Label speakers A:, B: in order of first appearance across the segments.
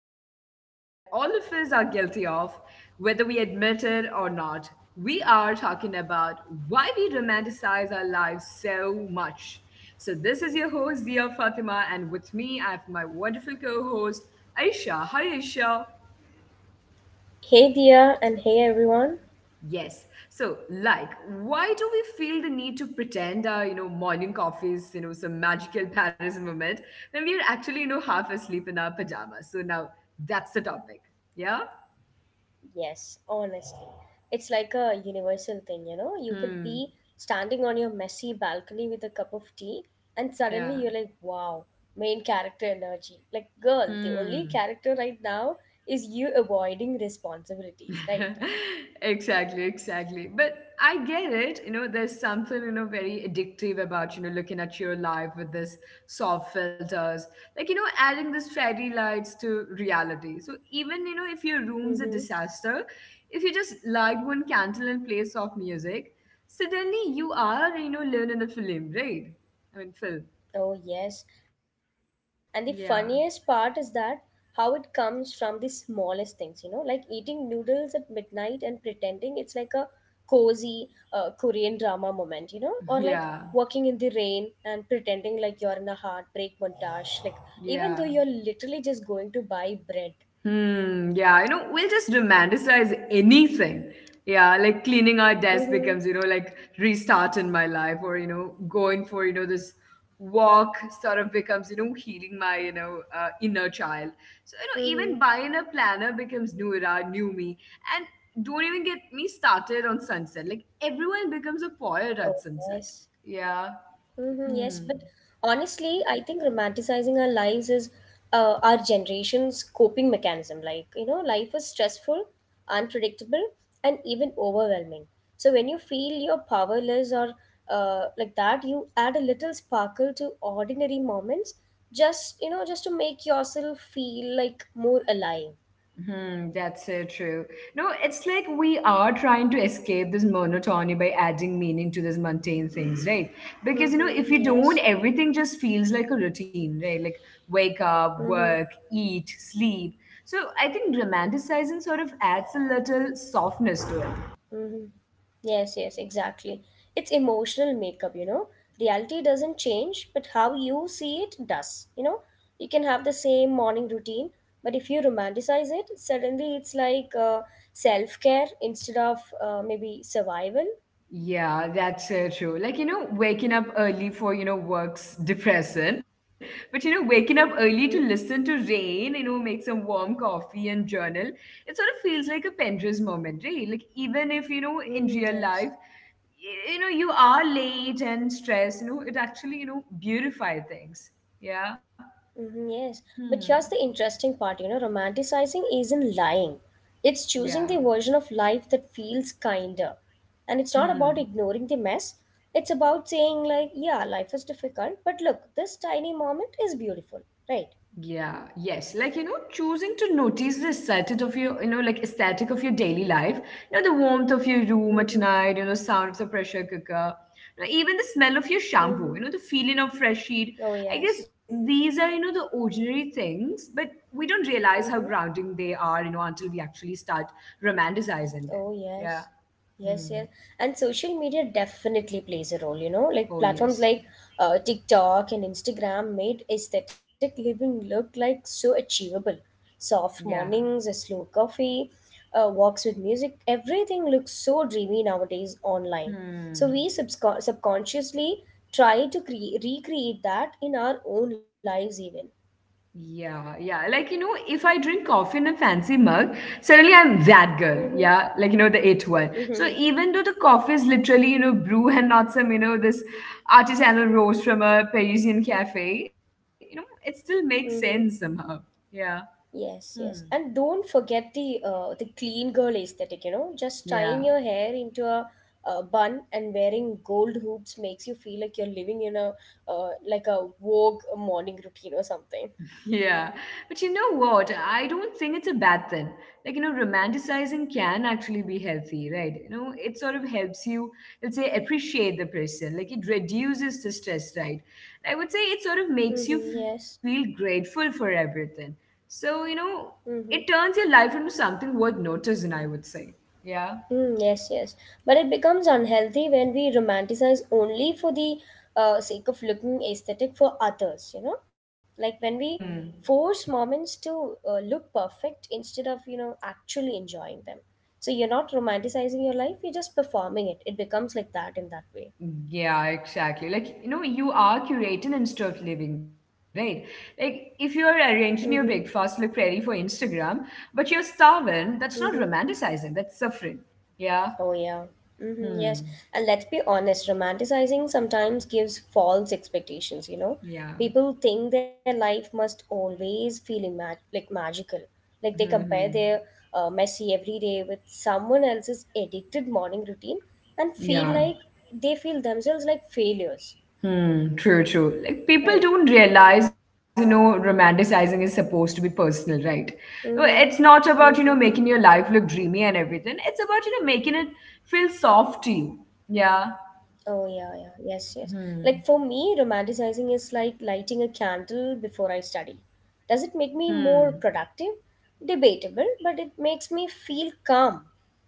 A: something that all of us are guilty of, whether we admit it or not. We are talking about why we romanticize our lives so much. So this is your host, Zia Fatima, and with me, I have my wonderful co-host, Aisha. Hi, Aisha.
B: Hey dear and hey everyone.
A: Yes. So, like, why do we feel the need to pretend our morning coffee is some magical Paris moment when we're actually half asleep in our pajamas? So now that's the topic. Yeah?
B: Yes, honestly. It's like a universal thing, you know? You could
A: Hmm.
B: be standing on your messy balcony with a cup of tea and suddenly you're
A: Yeah.
B: like, wow, main character energy. Like, girl, the only
A: Hmm.
B: character right now is you avoiding responsibilities, right?
A: Exactly, but I get it. There's something very addictive about looking at your life with this soft filters, like adding these fairy lights to reality. So even if your room's a
B: Mm-hmm.
A: disaster, if you just light one candle and play soft music, suddenly you are living in a film, right? I mean, film.
B: Oh, yes. And the funniest part is
A: Yeah.
B: that how it comes from the smallest things, like eating noodles at midnight and pretending it's like a cozy Korean drama moment, or like
A: Yeah.
B: walking in the rain and pretending like you're in a heartbreak montage, like even though
A: Yeah.
B: you're literally just going to buy bread.
A: Hmm, yeah, we'll just romanticize anything. Yeah, like cleaning our desk
B: Mm-hmm.
A: becomes, like restart in my life. Or, going for, this walk sort of becomes, healing my, inner child. So,
B: Mm-hmm.
A: even buying a planner becomes new era, new me. And don't even get me started on sunset. Like everyone becomes a poet
B: Oh,
A: at sunset.
B: yes.
A: Yeah.
B: Mm-hmm, yes, but
A: Hmm.
B: honestly, I think romanticizing our lives is our generation's coping mechanism. Like, life is stressful, unpredictable, and even overwhelming. So when you feel you're powerless or like that, you add a little sparkle to ordinary moments, just, just to make yourself feel like more alive.
A: Hmm, that's so true. No, it's like we are trying to escape this monotony by adding meaning to these mundane things, right? Because, if
B: Mm-hmm,
A: you don't,
B: yes.
A: everything just feels like a routine, right? Like wake up,
B: Mm-hmm.
A: work, eat, sleep. So I think romanticizing sort of adds a little softness to it.
B: Mm-hmm. Yes, yes, exactly. It's emotional makeup. Reality doesn't change, but how you see it does. You can have the same morning routine, but if you romanticize it, suddenly it's like self care instead of maybe survival.
A: Yeah, that's so true. Like, waking up early for, work's depressing. But, waking up
B: Mm-hmm.
A: early to listen to rain, make some warm coffee and journal, it sort of feels like a Pendra's moment, right? Like, even if, in
B: Mm-hmm.
A: real
B: Yes.
A: life, you are late and stressed, it actually, beautify things. Yeah.
B: Hmm, yes, but
A: Hmm.
B: here's the interesting part, romanticizing isn't lying, it's choosing
A: Yeah.
B: the version of life that feels kinder. And it's not about
A: Hmm.
B: ignoring the mess, it's about saying, like, yeah, life is difficult, but look, this tiny moment is beautiful, right?
A: Yeah, yes. Like, choosing to notice the aesthetic of your, like aesthetic of your daily life. The warmth of your room at
B: Mm-hmm.
A: night, sound of the pressure cooker, even the smell of your
B: Mm-hmm.
A: shampoo, the feeling of fresh sheet.
B: Oh,
A: I guess
B: yes.
A: these are, the ordinary things, but we don't realize how
B: Mm-hmm.
A: grounding they are, until we actually start romanticizing
B: Oh,
A: them.
B: yes.
A: Yeah.
B: Yes,
A: Hmm.
B: yes. And social media definitely plays a role, like
A: Oh,
B: platforms
A: yes.
B: like TikTok and Instagram made aesthetic living look like so achievable. Soft
A: Yeah.
B: mornings, a slow coffee, walks with music, everything looks so dreamy nowadays online. So
A: Hmm.
B: we subscon subconsciously try to cre recreate that in our own lives even.
A: Yeah, yeah. Like, if I drink coffee in a fancy mug, suddenly I'm that girl. Yeah,
B: Mm-hmm.
A: like, the it one. So
B: Mm-hmm.
A: even though the coffee is literally, brew and not some, this artisanal roast from a Parisian cafe, it still makes sense
B: Mm-hmm.
A: somehow. Yeah.
B: Yes,
A: Hmm.
B: yes. And don't forget the clean girl aesthetic. Just tying
A: Yeah.
B: your hair into a bun and wearing gold hoops makes you feel like you're living in a Vogue morning routine or something.
A: Yeah, but you know what? I don't think it's a bad thing. Like, romanticizing can actually be healthy, right? It sort of helps you, let's say, appreciate the person. Like, it reduces the stress, right? I would say it sort of makes you
B: Mm-hmm,
A: feel
B: yes.
A: grateful for everything. So, it
B: Mm-hmm.
A: turns your life into something worth noticing, I would say. Yeah.
B: Mm, yes, yes. But it becomes unhealthy when we romanticize only for the sake of looking aesthetic for others, you know? Like when we
A: Hmm.
B: force moments to look perfect instead of, actually enjoying them. So you're not romanticizing your life, you're just performing it. It becomes like that in that way.
A: Yeah, exactly. Like, you are curating and stuff living, right? Like, if you're arranging your
B: Mm-hmm.
A: breakfast look pretty for Instagram, but you're starving, that's not
B: Mm-hmm.
A: romanticizing, that's suffering. Yeah.
B: Oh, yeah. Hmm, yes.
A: Hmm.
B: And let's be honest, romanticizing sometimes gives false expectations, you know?
A: Yeah.
B: People think their life must always feel like magical.
A: Hmm.
B: Like they compare
A: Hmm.
B: their messy everyday with someone else's addicted morning routine and feel
A: Yeah.
B: like they feel themselves like failures,
A: Hmm. True, true. Like, people
B: right?
A: don't realize, romanticizing is supposed to be personal, right? No, it's
B: Mm-hmm.
A: not about,
B: Mm-hmm.
A: making your life look dreamy and everything. It's about, making it feel soft to you. Yeah.
B: Oh yeah, yeah, yes, yes.
A: Hmm.
B: Like for me, romanticizing is like lighting a candle before I study. Does it make me
A: Hmm.
B: more productive? Debatable, but it makes me feel calm.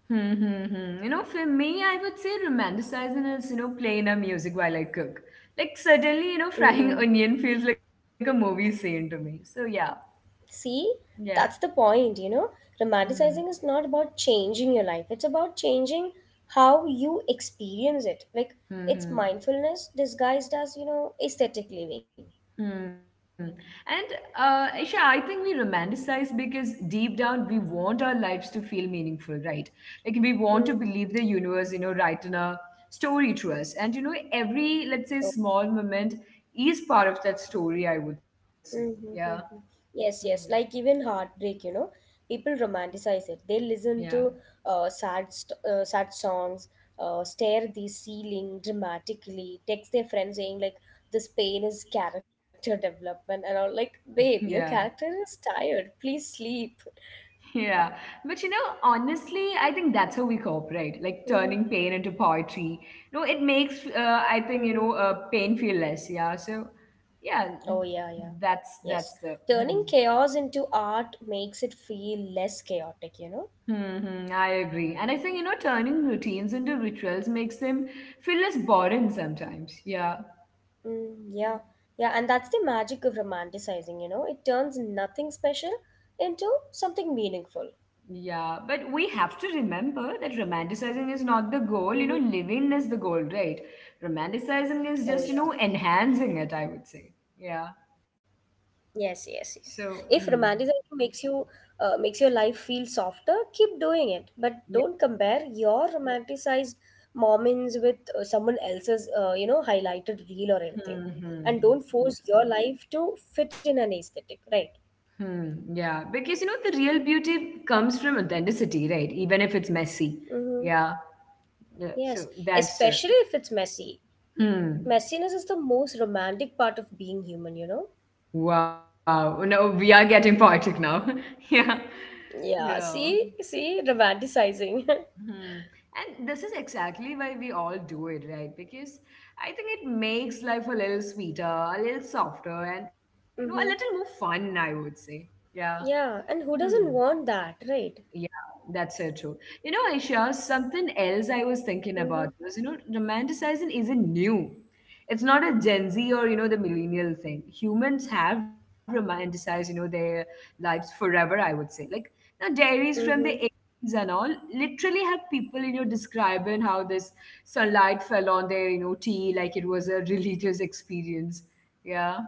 A: Hmm, hmm, hmm. For me, I would say romanticizing is, playing a music while I cook. Like, suddenly, frying
B: Mm-hmm.
A: onion feels like a movie scene to me. So, yeah.
B: See,
A: Yeah.
B: that's the point.
A: Hmm.
B: Romanticizing is not about changing your life, it's about changing how you experience it. Like
A: Hmm.
B: it's
A: Hmm.
B: mindfulness disguised as, aesthetic living.
A: Hmm. And, Isha, I think we romanticize because deep down we want our lives to feel meaningful, right? Like we want to
B: Mm.
A: believe the universe, writing a story to us. And every, let's say, small moment is part of that story, I would say. Yeah.
B: Mm-hmm.
A: Hmm.
B: Yes, yes. Like even heartbreak, people romanticize it. They listen
A: Yeah.
B: to sad songs, stare at the ceiling dramatically, text their friends saying like, "This pain is character development," and all. Like,
A: Yeah.
B: babe, your character is tired. Please sleep.
A: Yeah. But honestly, I think that's how we cope, right? Like turning
B: Mm-hmm.
A: pain into poetry. No, it makes, I think,
B: Mm-hmm.
A: pain feel less. Yeah. So, yeah,
B: Oh
A: that's,
B: yeah, yeah.
A: that's the,
B: Yes.
A: hmm.
B: Turning chaos into art makes it feel less chaotic, you know?
A: Mm-hmm, I agree. And I think, turning routines into rituals makes them feel less boring sometimes. Yeah.
B: Mm, yeah, yeah, and that's the magic of romanticizing, you know? It turns nothing special into something meaningful.
A: Yeah, but we have to remember that romanticizing is not the goal,
B: Mm-hmm.
A: living is the goal, right? Romanticizing is
B: Oh
A: just,
B: yeah.
A: enhancing it, I would say. Yeah.
B: Yes, yes,
A: So,
B: yes.
A: hmm.
B: If romanticizing makes your life feel softer, keep doing it. But
A: Yeah.
B: don't compare your romanticized moments with someone else's, highlighted reel or anything.
A: Hmm, hmm.
B: And don't
A: Yeah.
B: force your life to fit in an aesthetic, right?
A: Hmm, yeah. Because, the real beauty comes from authenticity, right? Even if it's messy.
B: Mm-hmm.
A: Yeah. Yeah. So
B: Yes,
A: that's true.
B: especially if it's messy.
A: Hmm.
B: Messiness is the most romantic part of being human.
A: Wow. No, we are getting poetic now. Yeah.
B: Yeah,
A: Yeah.
B: see romanticizing
A: Hmm. And this is exactly why we all do it, right? Because I think it makes life a little sweeter, a little softer, and a little more
B: Mm-hmm.
A: fun, I would say. Yeah.
B: Yeah, and who
A: Hmm.
B: doesn't want that, right?
A: Yeah, that's so true. Aisha, something else I was thinking
B: Mm-hmm.
A: about was, romanticizing isn't new. It's not a Gen Z or, the millennial thing. Humans have romanticized, their lives forever, I would say. Like, now diaries from the
B: Mm-hmm.
A: 80s and all literally have people, describing how this sunlight fell on their, tea like it was a religious experience. Yeah.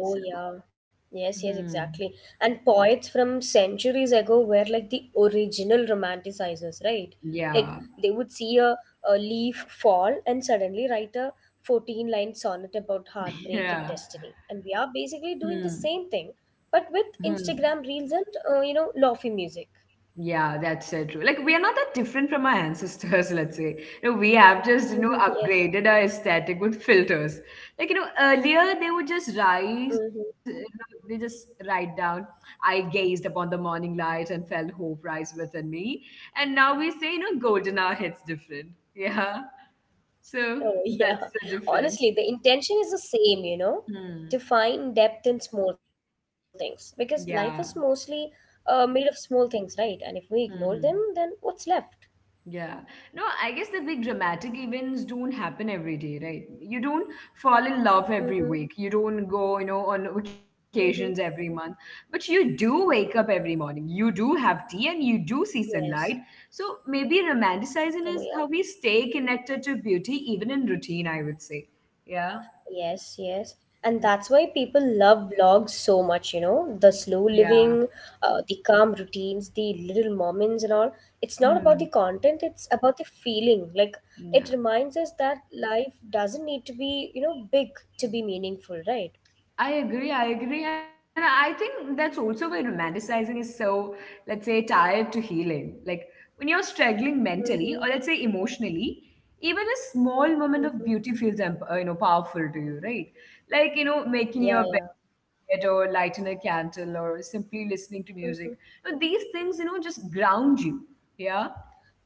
A: So,
B: Oh yeah.
A: hmm,
B: Yes, yes, exactly. And poets from centuries ago were like the original romanticizers, right? Like
A: yeah.
B: they would see a leaf fall and suddenly write a 14 line sonnet about heartbreak and
A: Yeah.
B: destiny. And we are basically
A: Hmm.
B: doing the same thing, but with
A: Hmm.
B: Instagram reels and, lofi music.
A: Yeah, that's so true. Like we are not that different from our ancestors, let's say. We have just,
B: Yes.
A: upgraded our aesthetic with filters. Like, earlier they would just rise,
B: Mm-hmm.
A: they just write down, I gazed upon the morning light and felt hope rise within me. And now we say, golden hour hits different. Yeah. So
B: Oh, yeah.
A: that's the difference.
B: Honestly, the intention is the same,
A: Hmm.
B: to find depth in small things because life is
A: Yeah.
B: mostly made of small things, right? And if we ignore them,
A: Hmm,
B: then
A: hmm.
B: what's left?
A: Yeah. No, I guess the big dramatic events don't happen every day, right? You don't fall in love every
B: Mm-hmm.
A: week. You don't go, on vacations
B: Mm-hmm.
A: every month. But you do wake up every morning. You do have tea and you do see sunlight.
B: Yes.
A: So maybe romanticizing
B: Oh,
A: is
B: yeah.
A: how we stay connected to beauty even in routine, I would say. Yeah.
B: Yes, yes. And that's why people love vlogs so much, the slow
A: Yeah.
B: living, the calm routines, the little moments and all. It's not about
A: Hmm.
B: the content, it's about the feeling. Like it
A: Yeah.
B: reminds us that life doesn't need to be, big to be meaningful, right?
A: I agree, I agree. And I think that's also why romanticizing is so, let's say, tied to healing. Like when you're struggling mentally or
B: Mm-hmm.
A: let's say emotionally, even a small moment of
B: Mm-hmm.
A: beauty feels, powerful to you, right? Like, making
B: Yeah,
A: your
B: yeah.
A: bed or lighting a candle or simply listening to music.
B: Mm-hmm.
A: These things, just ground you. Yeah.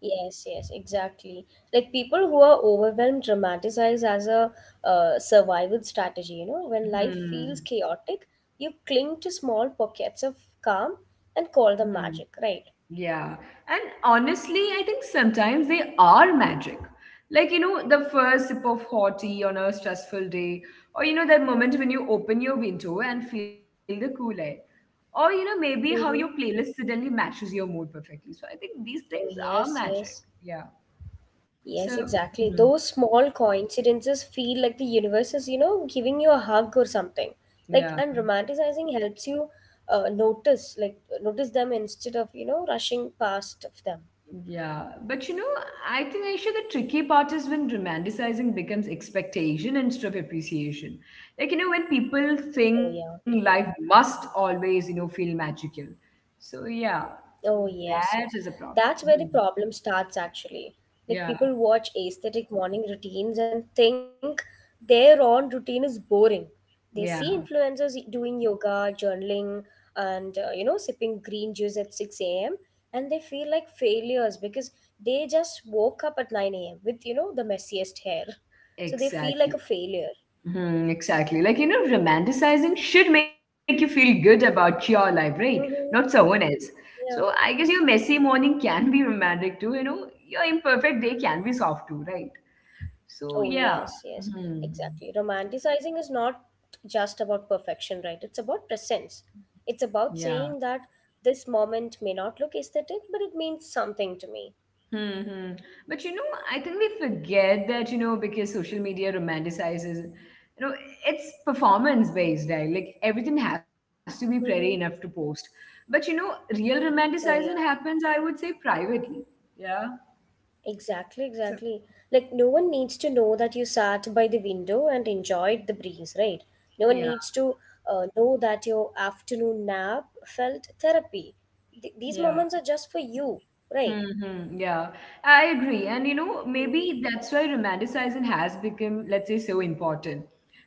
B: Yes, yes, exactly. Like people who are overwhelmed dramatize as a survival strategy, when life
A: Hmm.
B: feels chaotic, you cling to small pockets of calm and call them magic, right?
A: Yeah. And honestly, I think sometimes they are magic. Like, the first sip of hot tea on a stressful day, or, that moment when you open your window and feel the cool air. Or, maybe how your
B: Mm-hmm.
A: playlist suddenly matches your mood perfectly. So I think these things
B: Oh,
A: are
B: yes,
A: magic.
B: yes.
A: Yeah.
B: Yes,
A: So,
B: exactly.
A: mhm,
B: Those small coincidences feel like the universe is, giving you a hug or something. Like,
A: yeah.
B: and romanticizing helps you uh, notice, like, notice them instead of, rushing past of them.
A: Yeah, but I think Aisha, the tricky part is when romanticizing becomes expectation instead of appreciation. Like, when people
B: Oh,
A: think
B: yeah.
A: life must always, feel magical. So, yeah,
B: Oh, yes,
A: that
B: yes.
A: is a problem.
B: That's where the
A: Hmm.
B: problem starts actually. Like
A: Yeah,
B: people watch aesthetic morning routines and think their own routine is boring. They
A: yeah,
B: see influencers doing yoga, journaling, and sipping green juice at 6 a.m. and they feel like failures because they just woke up at 9 a.m. with the messiest hair. So they feel like a
A: exactly.
B: failure.
A: Hmm, exactly. Like, romanticizing should make you feel good about your life, right? Not
B: Mm-hmm.
A: someone else. So, I
B: Yeah.
A: guess your messy morning can be romantic too, your imperfect day can be soft too, right? So
B: Oh,
A: yeah.
B: yes, yes,
A: Hmm.
B: exactly. Romanticizing is not just about perfection, right? It's about presence. It's
A: Yeah.
B: about saying that this moment may not look aesthetic, but it means something to me.
A: Hmm. But I think we forget that, because social media romanticizes, you know, it's performance based, right? Like everything has to be pretty enough to
B: Mm-hmm.
A: post. But real romanticizing
B: Oh,
A: happens,
B: yeah.
A: I would say, privately. Yeah.
B: Exactly,
A: So,
B: exactly. Like, no one needs to know that you sat by the window and enjoyed the breeze, right? No one
A: yeah.
B: needs to know that your afternoon nap felt therapy. These
A: Yeah.
B: moments are just for you, right?
A: Mm-hmm. Yeah, I agree. And
B: Mhm.
A: maybe that's why romanticizing has become, let's say, so important.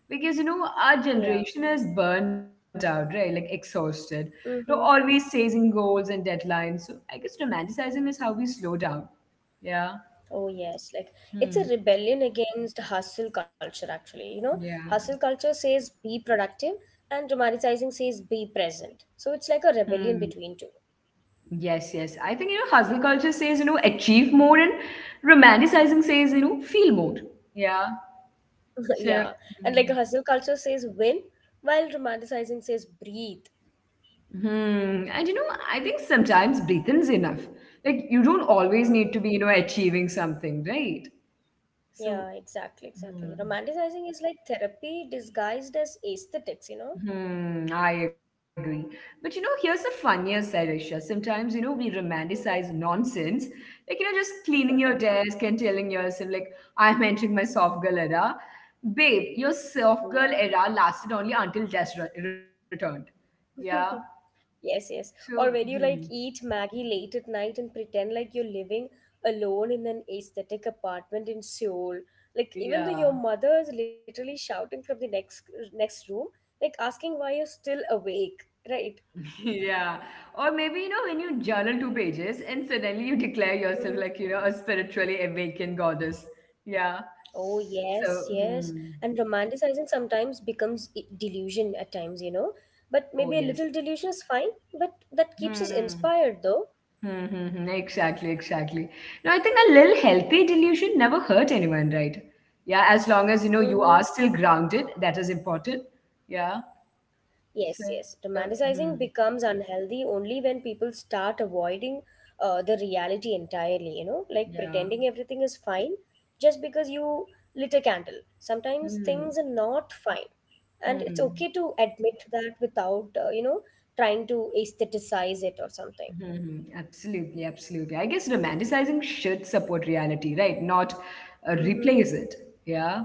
A: Because our
B: Yeah.
A: generation is burnt out, right? Like exhausted.
B: Mm-hmm.
A: Always chasing goals and deadlines. So I guess romanticizing is how we slow down. Yeah.
B: Oh, yes. Like, it's
A: Hmm.
B: a rebellion against hustle culture, actually.
A: Yeah.
B: Hustle culture says be productive, and romanticizing says be present. So it's like a
A: Hmm.
B: rebellion between two.
A: Yes, yes. I think hustle culture says, achieve more, and romanticizing says, feel more. Yeah. So,
B: Yeah. And like,
A: hmm.
B: hustle culture says win, while romanticizing says breathe.
A: Hmm. And I think sometimes breathing's enough. Like you don't always need to be,
B: Mhm.
A: achieving something, right? So,
B: Yeah, exactly,
A: hmm.
B: exactly. Romanticizing is like therapy disguised as aesthetics, you know?
A: Hmm, I agree. But here's the funnier side, Aisha. Sometimes, we romanticize
B: Hmm.
A: nonsense. Like, just cleaning your desk and telling yourself, like, I'm entering my soft girl era. Babe, your soft girl
B: Yeah.
A: era lasted only until death returned. Yeah.
B: Yes, yes.
A: So,
B: Or when you
A: hmm,
B: like eat Maggie late at night and pretend like you're living alone in an aesthetic apartment in Seoul. Like even though your
A: yeah.
B: mother is literally shouting from the next room, like asking why you're still awake, right?
A: Yeah. Or maybe, you know, when you journal two pages and suddenly you declare yourself like,
B: Mm-hmm.
A: a spiritually awakened goddess. Yeah.
B: Oh
A: So,
B: yes, yes.
A: hmm.
B: And romanticizing sometimes becomes delusion at times.
A: Oh,
B: But
A: yes.
B: maybe a little delusion is fine, but that keeps us
A: Hmm.
B: inspired though.
A: Hmm, hmm, hmm. Exactly, exactly. No, I think a little healthy delusion never hurt anyone, right? Yeah, as long as you know you
B: Mm-hmm.
A: are still grounded, that is important. Yeah. So,
B: Yes, yes.
A: hmm,
B: Romanticizing becomes unhealthy only when people start avoiding the reality entirely, like
A: yeah.
B: pretending everything is fine just because you lit a candle. Sometimes
A: Hmm,
B: things are not fine. And it's
A: hmm.
B: okay to admit that without, trying to aestheticize it or something.
A: Mhm. Absolutely, absolutely. I guess romanticizing should support reality, right? Not
B: Mm-hmm.
A: replace it. Yeah.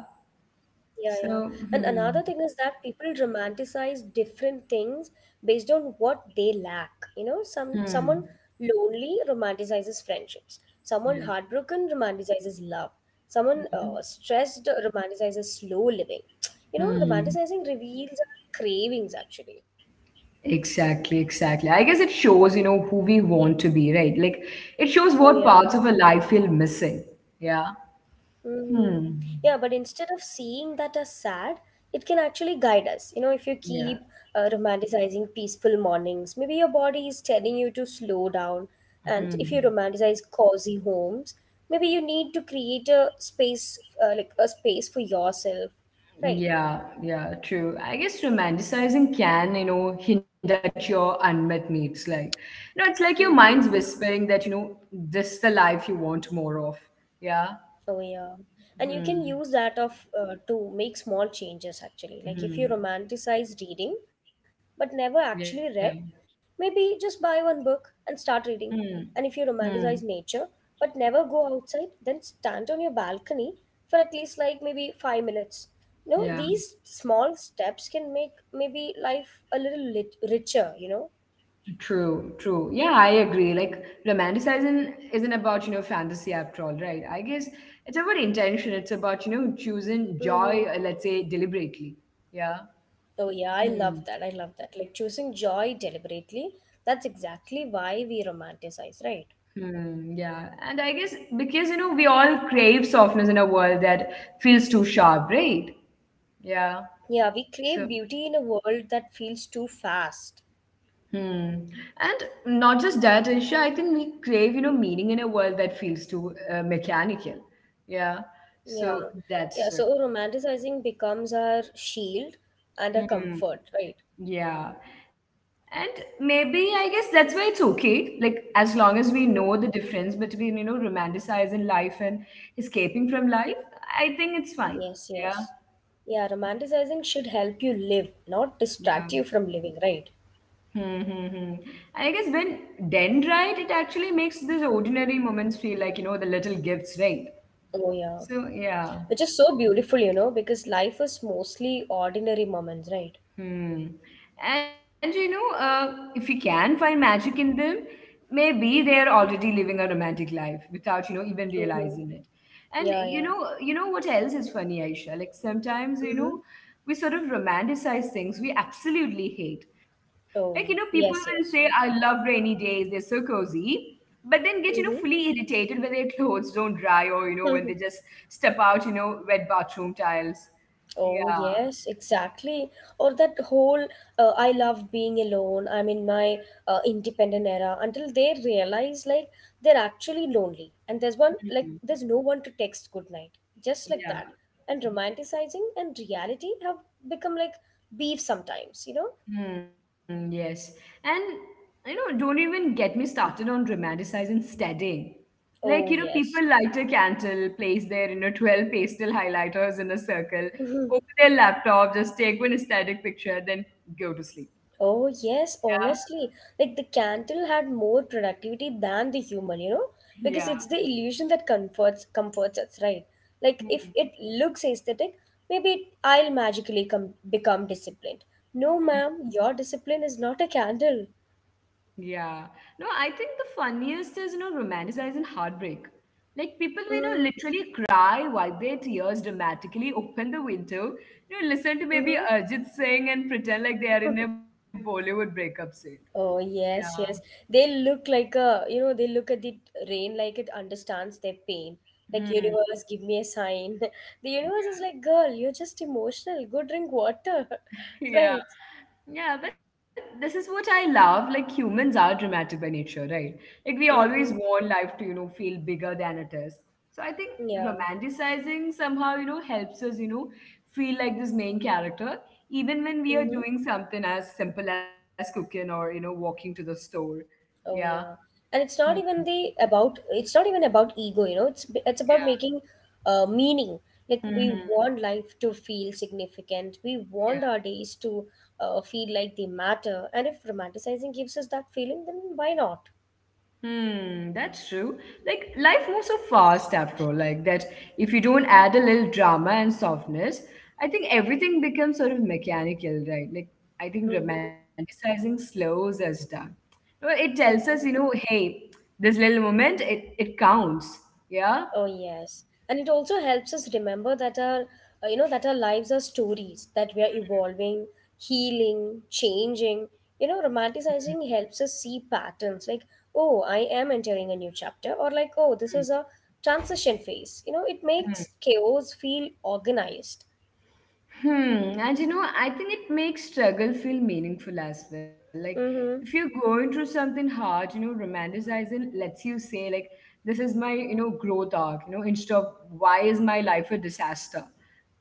B: Yeah,
A: So,
B: yeah. And
A: hmm,
B: another thing is that people romanticize different things based on what they lack. Some
A: hmm,
B: someone lonely romanticizes friendships. Someone
A: yeah.
B: heartbroken romanticizes love. Someone
A: Mhm,
B: stressed romanticizes slow living.
A: hmm.
B: Romanticizing reveals our cravings actually.
A: Exactly, exactly. I guess it shows, who we want to be, right? Like it shows what
B: Oh
A: parts of
B: yeah.
A: our life feel missing. Yeah.
B: Hmm.
A: Hmm.
B: Yeah, but instead of seeing that as sad, it can actually guide us. If you
A: Yeah.
B: keep romanticizing peaceful mornings, maybe your body is telling you to slow down. And if you
A: Hmm.
B: romanticize cozy homes, maybe you need to create a space for yourself, right?
A: Yeah, yeah, true. I guess romanticizing can, hint at your unmet needs. Like, no, it's like your mind's
B: Mm-hmm.
A: whispering that, this is the life you want more of. Yeah.
B: Oh yeah, and you can
A: Hmm.
B: use that of to make small changes actually. Like if
A: Hmm.
B: you romanticize reading but never actually
A: Yeah.
B: read, maybe just buy one book and start reading. And
A: Hmm.
B: if you romanticize
A: Hmm.
B: nature but never go outside, then stand on your balcony for at least like maybe 5 minutes.
A: Yeah.
B: These small steps can make maybe life a little richer.
A: True. True. Yeah, I agree. Like, romanticizing isn't about, fantasy after all, right? I guess it's about intention. It's about, choosing joy,
B: Mm-hmm.
A: let's say, deliberately. Yeah.
B: Oh, yeah, I
A: Hmm.
B: love that. I love that. Like choosing joy deliberately, that's exactly why we romanticize, right?
A: Hmm, yeah. And I guess because, we all crave softness in a world that feels too sharp, right? Yeah.
B: Yeah, we
A: So,
B: crave beauty in a world that feels too fast.
A: hmm. And not just that, Isha, I think we crave, meaning in a world that feels too mechanical. Yeah. So
B: Yeah. Yeah,
A: that's,
B: so romanticizing becomes our shield and our
A: hmm,
B: comfort, right?
A: yeah. And maybe I guess that's why it's okay. Like, as long as we know the
B: Mm-hmm.
A: difference between, romanticizing life and escaping from life, I think it's fine.
B: Yes,
A: Yeah.
B: yes. Yeah, romanticizing should help you live, not distract
A: Yeah.
B: you from living, right?
A: Hmm, hmm, hmm. And I guess when done right, it actually makes those ordinary moments feel like, the little gifts, right?
B: Oh, yeah.
A: So, yeah.
B: Which is so beautiful, because life is mostly ordinary moments, right?
A: Hmm. And if you can find magic in them, maybe they're already living a romantic life without, even
B: Mm-hmm.
A: realizing it. And
B: Yeah, yeah.
A: you know what else is funny, Aisha? Like sometimes,
B: Mm-hmm.
A: we sort of romanticize things we absolutely hate. Like, people
B: Oh,
A: will say,
B: yes,
A: I
B: yes.
A: love rainy days, they're so cozy, but then get,
B: Mm-hmm.
A: fully irritated when their clothes don't dry or, when they just step out, wet bathroom tiles.
B: Oh,
A: Yeah.
B: yes, exactly. Or that whole I love being alone, I'm in my independent era until they realize like they're actually lonely and there's one like
A: Mhm.
B: there's no one to text good night, just like
A: Yeah.
B: that. And romanticizing and reality have become like beef sometimes, you know?
A: Hmm, yes. And don't even get me started on romanticizing studying. Like,
B: Oh,
A: people
B: yes.
A: light a candle, place their, 12 pastel highlighters in a circle, open their laptop, just take one aesthetic picture, then go to sleep.
B: Oh,
A: Yeah.
B: yes, honestly. Like the candle had more productivity than the human, you know, because
A: Yeah.
B: it's the illusion that comforts us, right? Like if
A: Hmm.
B: it looks aesthetic, maybe I'll magically come become disciplined. No, ma'am, your discipline is not a candle.
A: Yeah. No, I think the funniest is, romanticizing heartbreak. Like people will,
B: Mm,
A: literally cry, wipe their tears dramatically, open the window, listen to maybe
B: mm-hmm.
A: Arjit Singh and pretend like they are in a Bollywood breakup scene.
B: Oh
A: Yeah.
B: yes, yes. They look like a, you know, they look at the rain like it understands their pain. Like
A: Hmm.
B: universe, give me a sign. The universe is like, girl, you're just emotional. Go drink water, right?
A: Yeah. Yeah, but this is what I love. Like humans are dramatic by nature, right? Like we
B: Mm-hmm.
A: always want life to, feel bigger than it is. So I think
B: Yeah.
A: romanticizing somehow, helps us, feel like this main character, even when we are
B: Mm-hmm.
A: doing something as simple as cooking or, walking to the store.
B: Oh
A: Yeah.
B: yeah, and it's
A: Hmm.
B: not even the about it's not even about ego, you know. It's
A: Yeah.
B: about making meaning. Like we
A: Mhm.
B: want life to feel significant. We want our days to feel like they matter. And if romanticizing gives us that feeling, then why not?
A: Hmm, that's true. Like life moves so fast after all, like that if you don't add a little drama and softness, I think everything becomes sort of mechanical, right? Like I think
B: Mm-hmm.
A: romanticizing slows us down. No, it tells us, hey, this little moment, it counts.
B: Oh
A: Yeah.
B: yes, and it also helps us remember that our lives are stories, that we are evolving, healing, changing. You know, romanticizing helps us see patterns like, oh, I am entering a new chapter, or like, oh, this
A: Hmm,
B: is a transition phase. You know, it
A: hmm.
B: makes chaos feel organized.
A: Hmm. And I think it makes struggle feel meaningful as well. Like if you're
B: Mm-hmm.
A: going through something hard, romanticizing lets you say like, this is my, growth arc, instead of why is my life a disaster?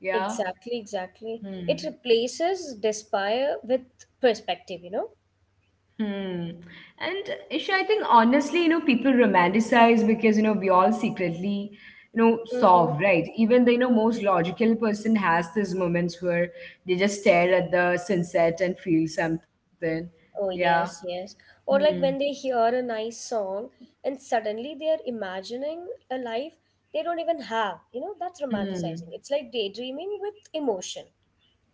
A: Yeah.
B: Exactly, exactly. It
A: Hmm.
B: replaces despair with perspective, you know?
A: Hmm. And Isha, I think honestly, people romanticize because, we all secretly, solve,
B: Mm-hmm.
A: right? Even the, most logical person has these moments where they just stare at the sunset and feel something.
B: Oh,
A: Yeah.
B: yes, yes. Or
A: Hmm.
B: like when they hear a nice song and suddenly they are imagining a life they don't even have. You know, that's
A: Hmm.
B: romanticizing. It's like daydreaming with emotion.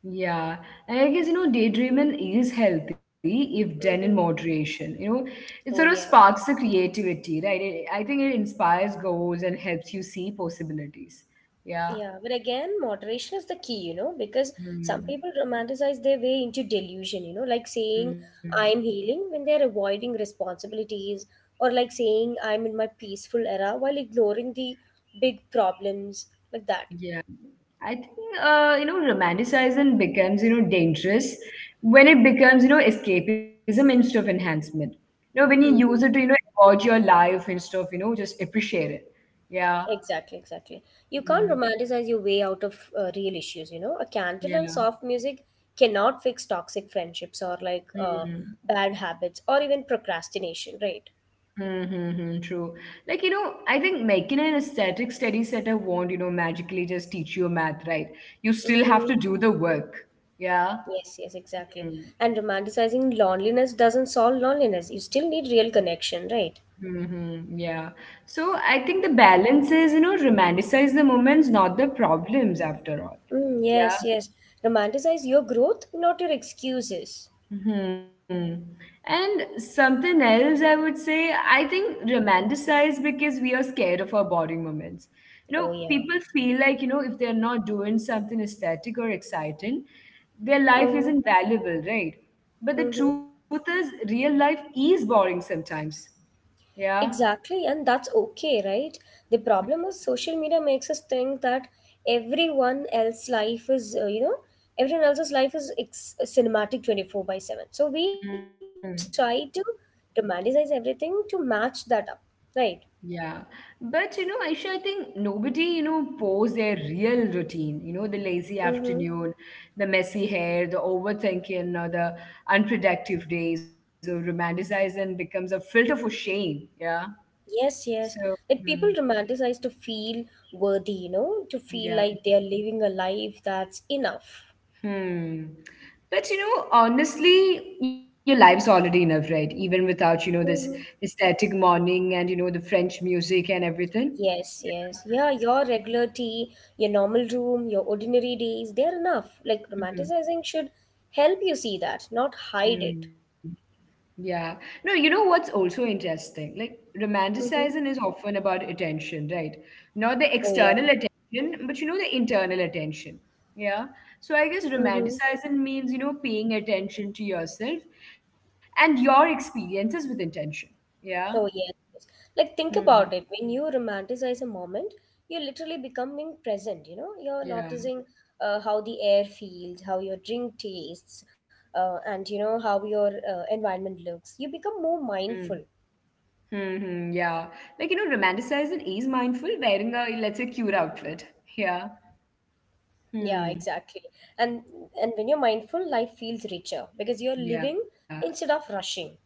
A: Yeah. And I guess, daydreaming is healthy if done in
B: Mm-hmm.
A: moderation. It sort of
B: Oh, yes.
A: sparks the creativity, right? It, I think it inspires goals and helps you see possibilities. Yeah.
B: Yeah, but again, moderation is the key, you know, because some
A: Hmm.
B: people romanticize their way into delusion, you know, like saying,
A: Mm,
B: I'm healing when they're avoiding responsibilities, or like saying, I'm in my peaceful era while ignoring the big problems, like that.
A: yeah, I think you know romanticizing becomes dangerous when it becomes escapism instead of enhancement. You know when you use it to
B: Mm-hmm.
A: forge your life instead of just appreciate it. Yeah.
B: Exactly, exactly. You can't
A: Hmm.
B: romanticize your way out of real issues, you know. A candle and
A: Yeah.
B: soft music cannot fix toxic friendships, or like
A: Mhm.
B: bad habits or even procrastination, right?
A: Mm-hmm. True. Like you know, I think making an aesthetic study setter won't magically just teach you math, right? You still have
B: Mm-hmm.
A: to do the work. Yeah.
B: Yes, yes, exactly.
A: Mm-hmm.
B: And romanticizing loneliness doesn't solve loneliness. You still need real connection, right?
A: Mm-hmm. Yeah. So I think the balance is, romanticize the moments, not the problems after all.
B: Mm,
A: Yeah.
B: yes, yes. Romanticize your growth, not your excuses.
A: Hmm. And something else I would say, I think romanticize because we are scared of our boring moments.
B: Oh, yeah.
A: People feel like, if they're not doing something aesthetic or exciting, their life
B: Mm-hmm.
A: isn't valuable, right? But the
B: Mm-hmm.
A: truth is, real life is boring sometimes. Yeah.
B: Exactly, and that's okay, right? The problem is social media makes us think that everyone else's life is, uh, you know, everyone else's life is cinematic 24/7. So we try
A: Mhm.
B: to romanticize everything to match that up, right?
A: Yeah. But you know, Aisha, I think nobody, posts their real routine, the lazy
B: Mm-hmm.
A: afternoon, the messy hair, the overthinking, or the unproductive days, or romanticized and becomes a filter for shame. Yeah.
B: Yes,
A: So,
B: yes. Like
A: hmm,
B: people romanticize to feel worthy, you know, to feel
A: yeah.
B: like they are living a life that's enough.
A: Hmm. But you know, honestly, your life's already enough, right? Even without, this
B: Mm-hmm.
A: aesthetic morning and, the French music and everything.
B: Yes, yes. Yeah, your regular tea, your normal room, your ordinary days, they're enough. Like
A: Yeah. Hmm.
B: romanticizing should help you see that, not hide
A: Hmm.
B: it.
A: Yeah. No, you know what's also interesting? Like, romanticizing
B: Mm-hmm.
A: is often about attention, right? Not the
B: Oh,
A: external
B: yeah.
A: attention, but the internal attention. Yeah. So I guess
B: Mm-hmm.
A: romanticizing means, paying attention to yourself and your experiences with intention.
B: Oh,
A: Yeah.
B: yes. Yes. Like think about it.
A: Hmm.
B: When you romanticize a moment, you're literally becoming present, you know? You're noticing
A: Yeah.
B: how the air feels, how your drink tastes, and you know, how your environment looks. You become more mindful.
A: Mm. Hmm. Yeah. Like, romanticizing is mindful wearing a, let's say, cute outfit. Yeah.
B: Yeah,
A: Hmm.
B: exactly. And and when you're mindful, life feels richer because you're living
A: Yeah.
B: instead of rushing.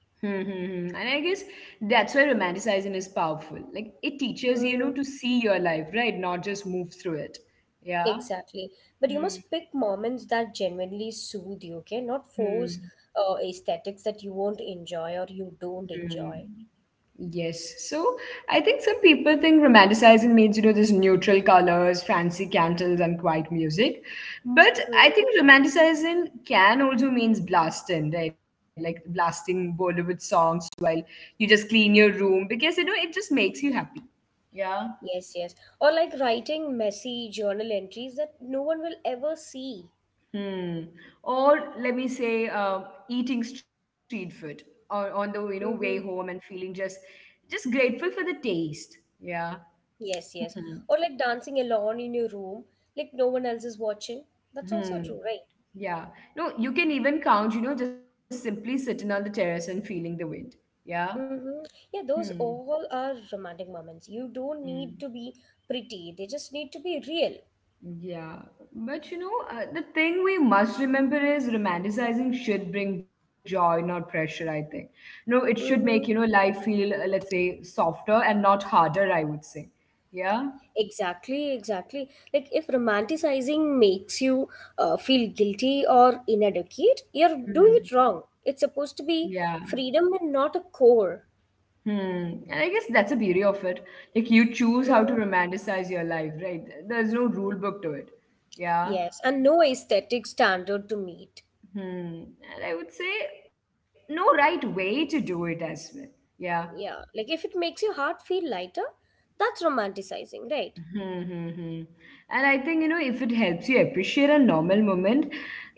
A: Mm-hmm. And I guess that's why romanticizing is powerful. Like it teaches you know to
B: Mm-hmm.
A: see your life, right? Not just move through it. Yeah.
B: Exactly. But you
A: Mm-hmm.
B: must pick moments that genuinely soothe you, okay? Not force
A: Hmm,
B: aesthetics that you don't
A: hmm.
B: enjoy.
A: Yes. So I think some people think romanticizing means you know this neutral colors, fancy candles, and quiet music. But I
B: Mm-hmm.
A: think romanticizing can also means blasting, right? Like blasting Bollywood songs while you just clean your room because you know it just makes you happy. Yeah.
B: Yes, yes. Or like writing messy journal entries that no one will ever see.
A: Hmm. Or let me say, eating street food on the you know way home
B: Mm-hmm.
A: and feeling just grateful for the taste. Yeah.
B: Yes, yes.
A: Hmm.
B: Or like dancing alone in your room, like no one else is watching. That's also
A: Hmm.
B: true, right?
A: Yeah. No, you can even count. You know, just simply sitting on the terrace and feeling the wind. Yeah.
B: Mm-hmm. Yeah, those
A: Hmm.
B: all are romantic moments. You don't need
A: Hmm.
B: to be pretty, they just need to be real.
A: Yeah, but you know, the thing we must remember is romanticizing should bring joy, not pressure, I think. No, it should make,
B: Mm-hmm.
A: life feel, let's say, softer and not harder, I would say. Yeah?
B: Exactly, exactly. Like if romanticizing makes you feel guilty or inadequate, you're doing
A: Hmm.
B: it wrong. It's supposed to
A: Yeah.
B: be freedom and not a core.
A: Hmm. And I guess that's the beauty of it. Like, you choose how to
B: Mm-hmm.
A: romanticize your life, right? There's no rule book to it. Yeah.
B: Yes, and no aesthetic standard to meet.
A: Hmm. And I would say no right way to do it as well. Yeah.
B: Yeah, like if it makes your heart feel lighter, that's romanticizing, right?
A: Hmm, hmm, hmm. And I think, if it helps you appreciate a normal moment,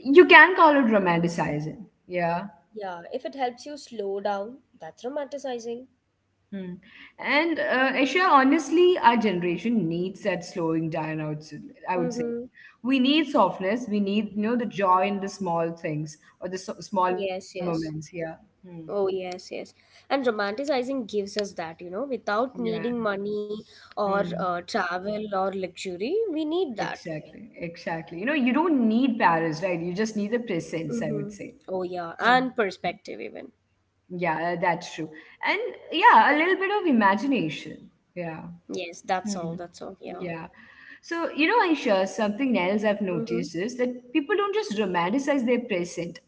A: you can call it romanticizing. Yeah.
B: Yeah, if it helps you slow down, that's romanticizing.
A: Hmm. And Aisha, honestly, our generation needs that slowing down, I would say. I would say.
B: Mm-hmm.
A: We need softness. We need, the joy in the small things or the so- small
B: Yes,
A: moments. Yeah.
B: yes.
A: Hmm.
B: Oh, yes, yes. And romanticizing gives us that, you know, without
A: Yeah.
B: needing money or
A: Hmm.
B: travel or luxury, we need that.
A: Exactly. Exactly. You know, you don't need Paris, right? You just need the presence, I
B: Mm-hmm.
A: would say.
B: Oh, yeah.
A: Hmm.
B: And perspective, even.
A: Yeah, that's true. And yeah, a little bit of imagination. Yeah.
B: Yes, that's
A: Hmm.
B: all. That's all. Yeah.
A: Yeah. So, you know, Aisha, something else I've
B: Mm-hmm.
A: noticed is that people don't just romanticize their present.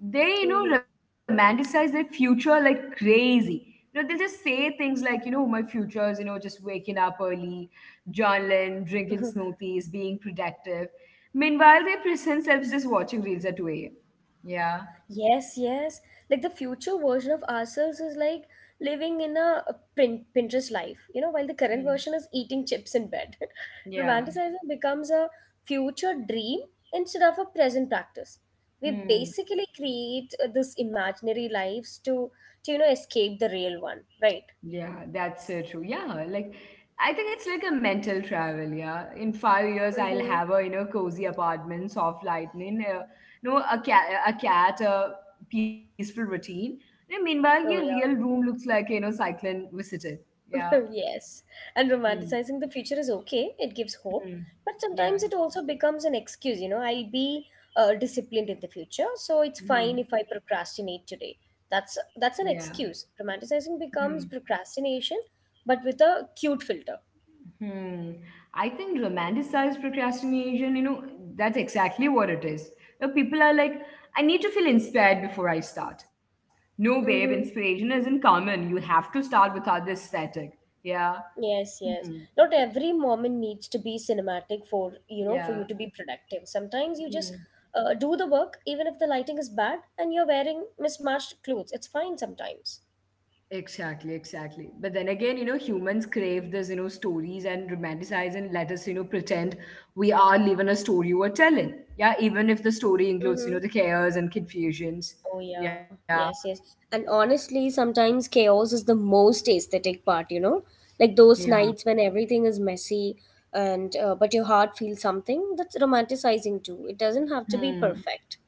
A: They,
B: Mm-hmm.
A: romanticize their future like crazy. You know, they'll just say things like, my future is, just waking up early, journaling, drinking smoothies, being productive. Meanwhile, their present self is just watching reels at 2 a.m. Yeah.
B: Yes, yes. Like the future version of ourselves is like living in a Pinterest life, you know, while the current
A: Hmm.
B: version is eating chips in bed.
A: Yeah.
B: Romanticizing becomes a future dream instead of a present practice. We
A: Hmm.
B: basically create this imaginary lives to you know, escape the real one, right?
A: Yeah, that's so true. Yeah, like I think it's like a mental travel. Yeah, in 5 years I'll
B: Mm-hmm.
A: have a you know cozy apartment, soft lightning, no a cat, a peaceful routine. And meanwhile, your
B: Oh,
A: real
B: yeah.
A: room looks like you know cyclone visited. Yeah.
B: Yes, and
A: Mm.
B: romanticizing the future is okay, it gives hope,
A: Mm.
B: but sometimes
A: Yeah.
B: it also becomes an excuse. You know, I'll be disciplined in the future, so it's fine
A: Mm.
B: if I procrastinate today. That's
A: Yeah.
B: an excuse. Romanticizing
A: Mm.
B: becomes procrastination, but with a cute filter.
A: Hmm. I think romanticized procrastination, that's exactly what it is. You know, people are like, I need to feel inspired before I start. No, babe,
B: Mm-hmm.
A: inspiration isn't common. You have to start without the aesthetic. Yeah.
B: Yes,
A: Hmm.
B: yes. Not every moment needs to be cinematic for you
A: Yeah.
B: to be productive. Sometimes you just
A: Hmm.
B: do the work even if the lighting is bad and you're wearing mismatched clothes. It's fine sometimes.
A: Exactly, exactly. But then again, humans crave this, stories and romanticize and let us, pretend we are living a story we're telling. Yeah, even if the story includes,
B: Mm-hmm.
A: the cares and confusions.
B: Oh yeah,
A: Yeah.
B: yes, yes.
A: Hmm.
B: And honestly, sometimes chaos is the most aesthetic part, you know? Like those
A: Yeah.
B: nights when everything is messy and but your heart feels something, that's romanticizing too. It doesn't have to be
A: Hmm.
B: perfect.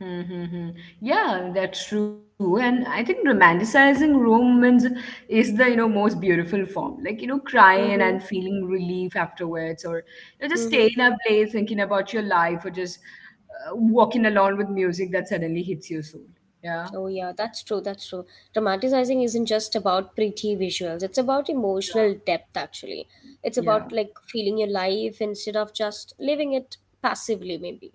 A: Hmm, hmm, hmm. Yeah, that's true. And I think romanticizing romance is the most beautiful form. Like, crying
B: Mm-hmm.
A: and feeling relief afterwards, or just
B: Mm-hmm.
A: staying up late thinking about your life, or just walking along with music that suddenly hits your soul. Yeah.
B: Oh yeah, that's true, that's true. Romanticizing isn't just about pretty visuals, it's about emotional depth actually. It's
A: Yeah. Yeah.
B: about like feeling your life instead of just living it passively maybe.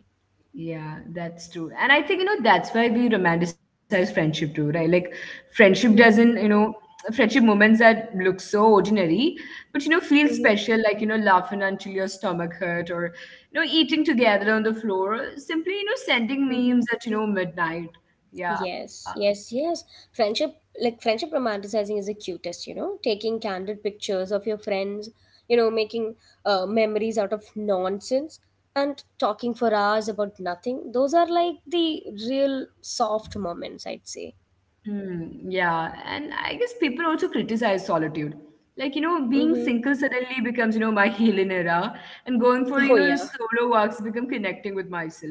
A: Yeah, that's true. And I think, that's why we romanticize friendship too, right? Like friendship doesn't, you
B: Mm-hmm.
A: know, friendship moments that look so ordinary, but feel
B: Mm-hmm.
A: special, like, laughing until your stomach hurt or, eating together on the floor, simply, sending
B: Mm-hmm.
A: memes at, midnight. Yeah.
B: Yes, yes, yes. Friendship, like friendship romanticizing is the cutest, you know, taking candid pictures of your friends, you know, making memories out of nonsense and talking for hours about nothing. Those are like the real soft moments, I'd say.
A: Hmm. Yeah, and I guess people also criticize solitude. Like, being single
B: Mm-hmm.
A: suddenly becomes, my healing era, and going for,
B: Oh,
A: the
B: yeah.
A: solo walks become connecting with myself.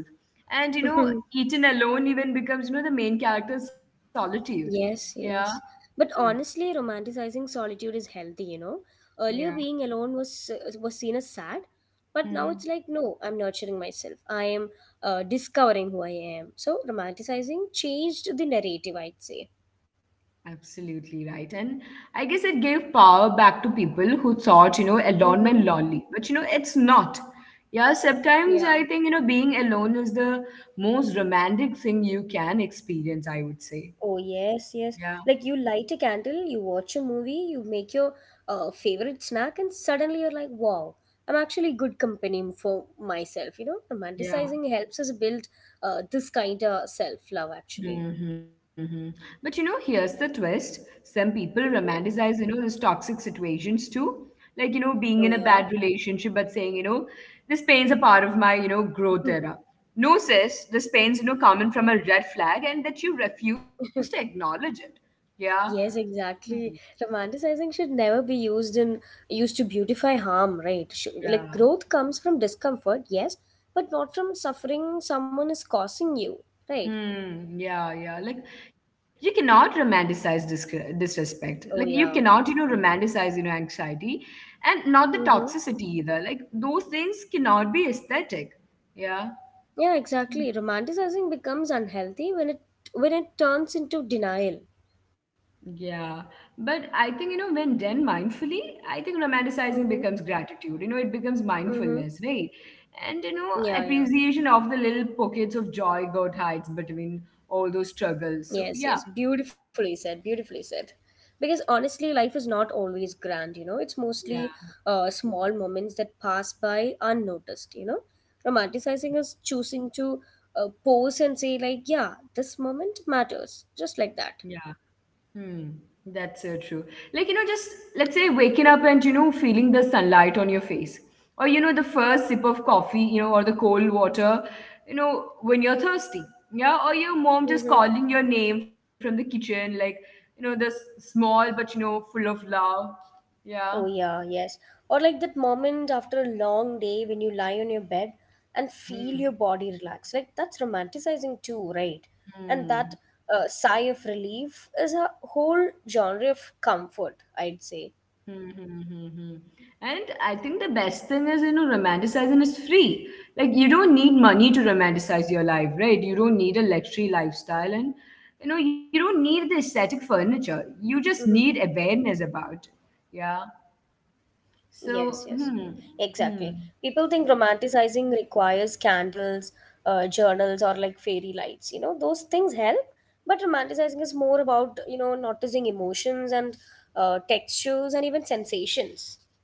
A: And, eating alone even becomes, the main character's solitude. Yeah.
B: Yes, yes.
A: Hmm.
B: But honestly, romanticizing solitude is healthy, you know. Earlier,
A: Yeah.
B: being alone was seen as sad, but now
A: Hmm.
B: it's like, no, I'm nurturing myself. I am discovering who I am. So, romanticizing changed the narrative, I'd say.
A: Absolutely right. And I guess it gave power back to people who thought, alone meant
B: Mm-hmm.
A: lonely. But, it's not. Yeah, sometimes
B: Yeah.
A: I think, being alone is the most romantic thing you can experience, I would say.
B: Oh,
A: Yeah,
B: yes, yes. Like you light a candle, you watch a movie, you make your favorite snack, and suddenly you're like, wow, I'm actually good company for myself. You know,
A: yeah.
B: romanticizing helps us build this kind of self love, actually.
A: Mm-hmm. But here's the twist. Some people
B: Hmm.
A: romanticize, these toxic situations too. Like, being in a
B: Oh,
A: bad
B: yeah.
A: relationship, but saying, this pain's a part of my, growth era. No, sis, this pain's, coming from a red flag and that you refuse to acknowledge it. Yeah.
B: Yes,
A: Hmm.
B: exactly. Romanticizing should never be used to beautify harm, right?
A: Yeah.
B: Like growth comes from discomfort, yes, but not from suffering someone is causing you, right?
A: Hmm. Yeah. Yeah. Like you cannot romanticize disrespect.
B: Oh,
A: Like you
B: yeah.
A: cannot, romanticize, anxiety, and not the
B: Mm-hmm.
A: toxicity either. Like those things cannot be aesthetic. Yeah.
B: Yeah, exactly. Romanticizing becomes unhealthy when it turns into denial.
A: Yeah. But I think, when done mindfully, I think romanticizing
B: Mm-hmm.
A: becomes gratitude. It becomes
B: Mm-hmm.
A: mindfulness, right? And,
B: Yeah, yeah.
A: appreciation of the little pockets of joy God hides between all those struggles. So,
B: Yes,
A: yeah.
B: yes. Beautifully said. Beautifully said. Because honestly, life is not always grand, you know. It's mostly
A: Yeah.
B: small moments that pass by unnoticed, you know. Romanticizing is choosing to pose and say, like, yeah, this moment matters, just like that.
A: Yeah. Hmm, that's so true. Like, just let's say waking up and, feeling the sunlight on your face. Or, the first sip of coffee, or the cold water, when you're thirsty. Yeah. Or your mom just
B: Mm-hmm.
A: calling your name from the kitchen, like, the small but, full of love. Yeah.
B: Oh, yeah, yes. Or like that moment after a long day when you lie on your bed and feel
A: Hmm.
B: your body relax. Like that's romanticizing too, right? And that
A: Hmm.
B: sigh of relief is a whole genre of comfort, I'd say.
A: Hmm, hmm, hmm, hmm. And I think the best thing is, romanticizing is free. Like, you don't need money to romanticize your life, right? You don't need a luxury lifestyle. And, you don't need the
B: Mm-hmm.
A: aesthetic furniture. You just need awareness about it. Yeah.
B: Yes, yes,
A: So,
B: exactly.
A: hmm,
B: People think
A: hmm.
B: romanticizing requires candles, journals, or like fairy lights. You know, those things help, but romanticizing is more about, you know, noticing emotions and textures and even sensations.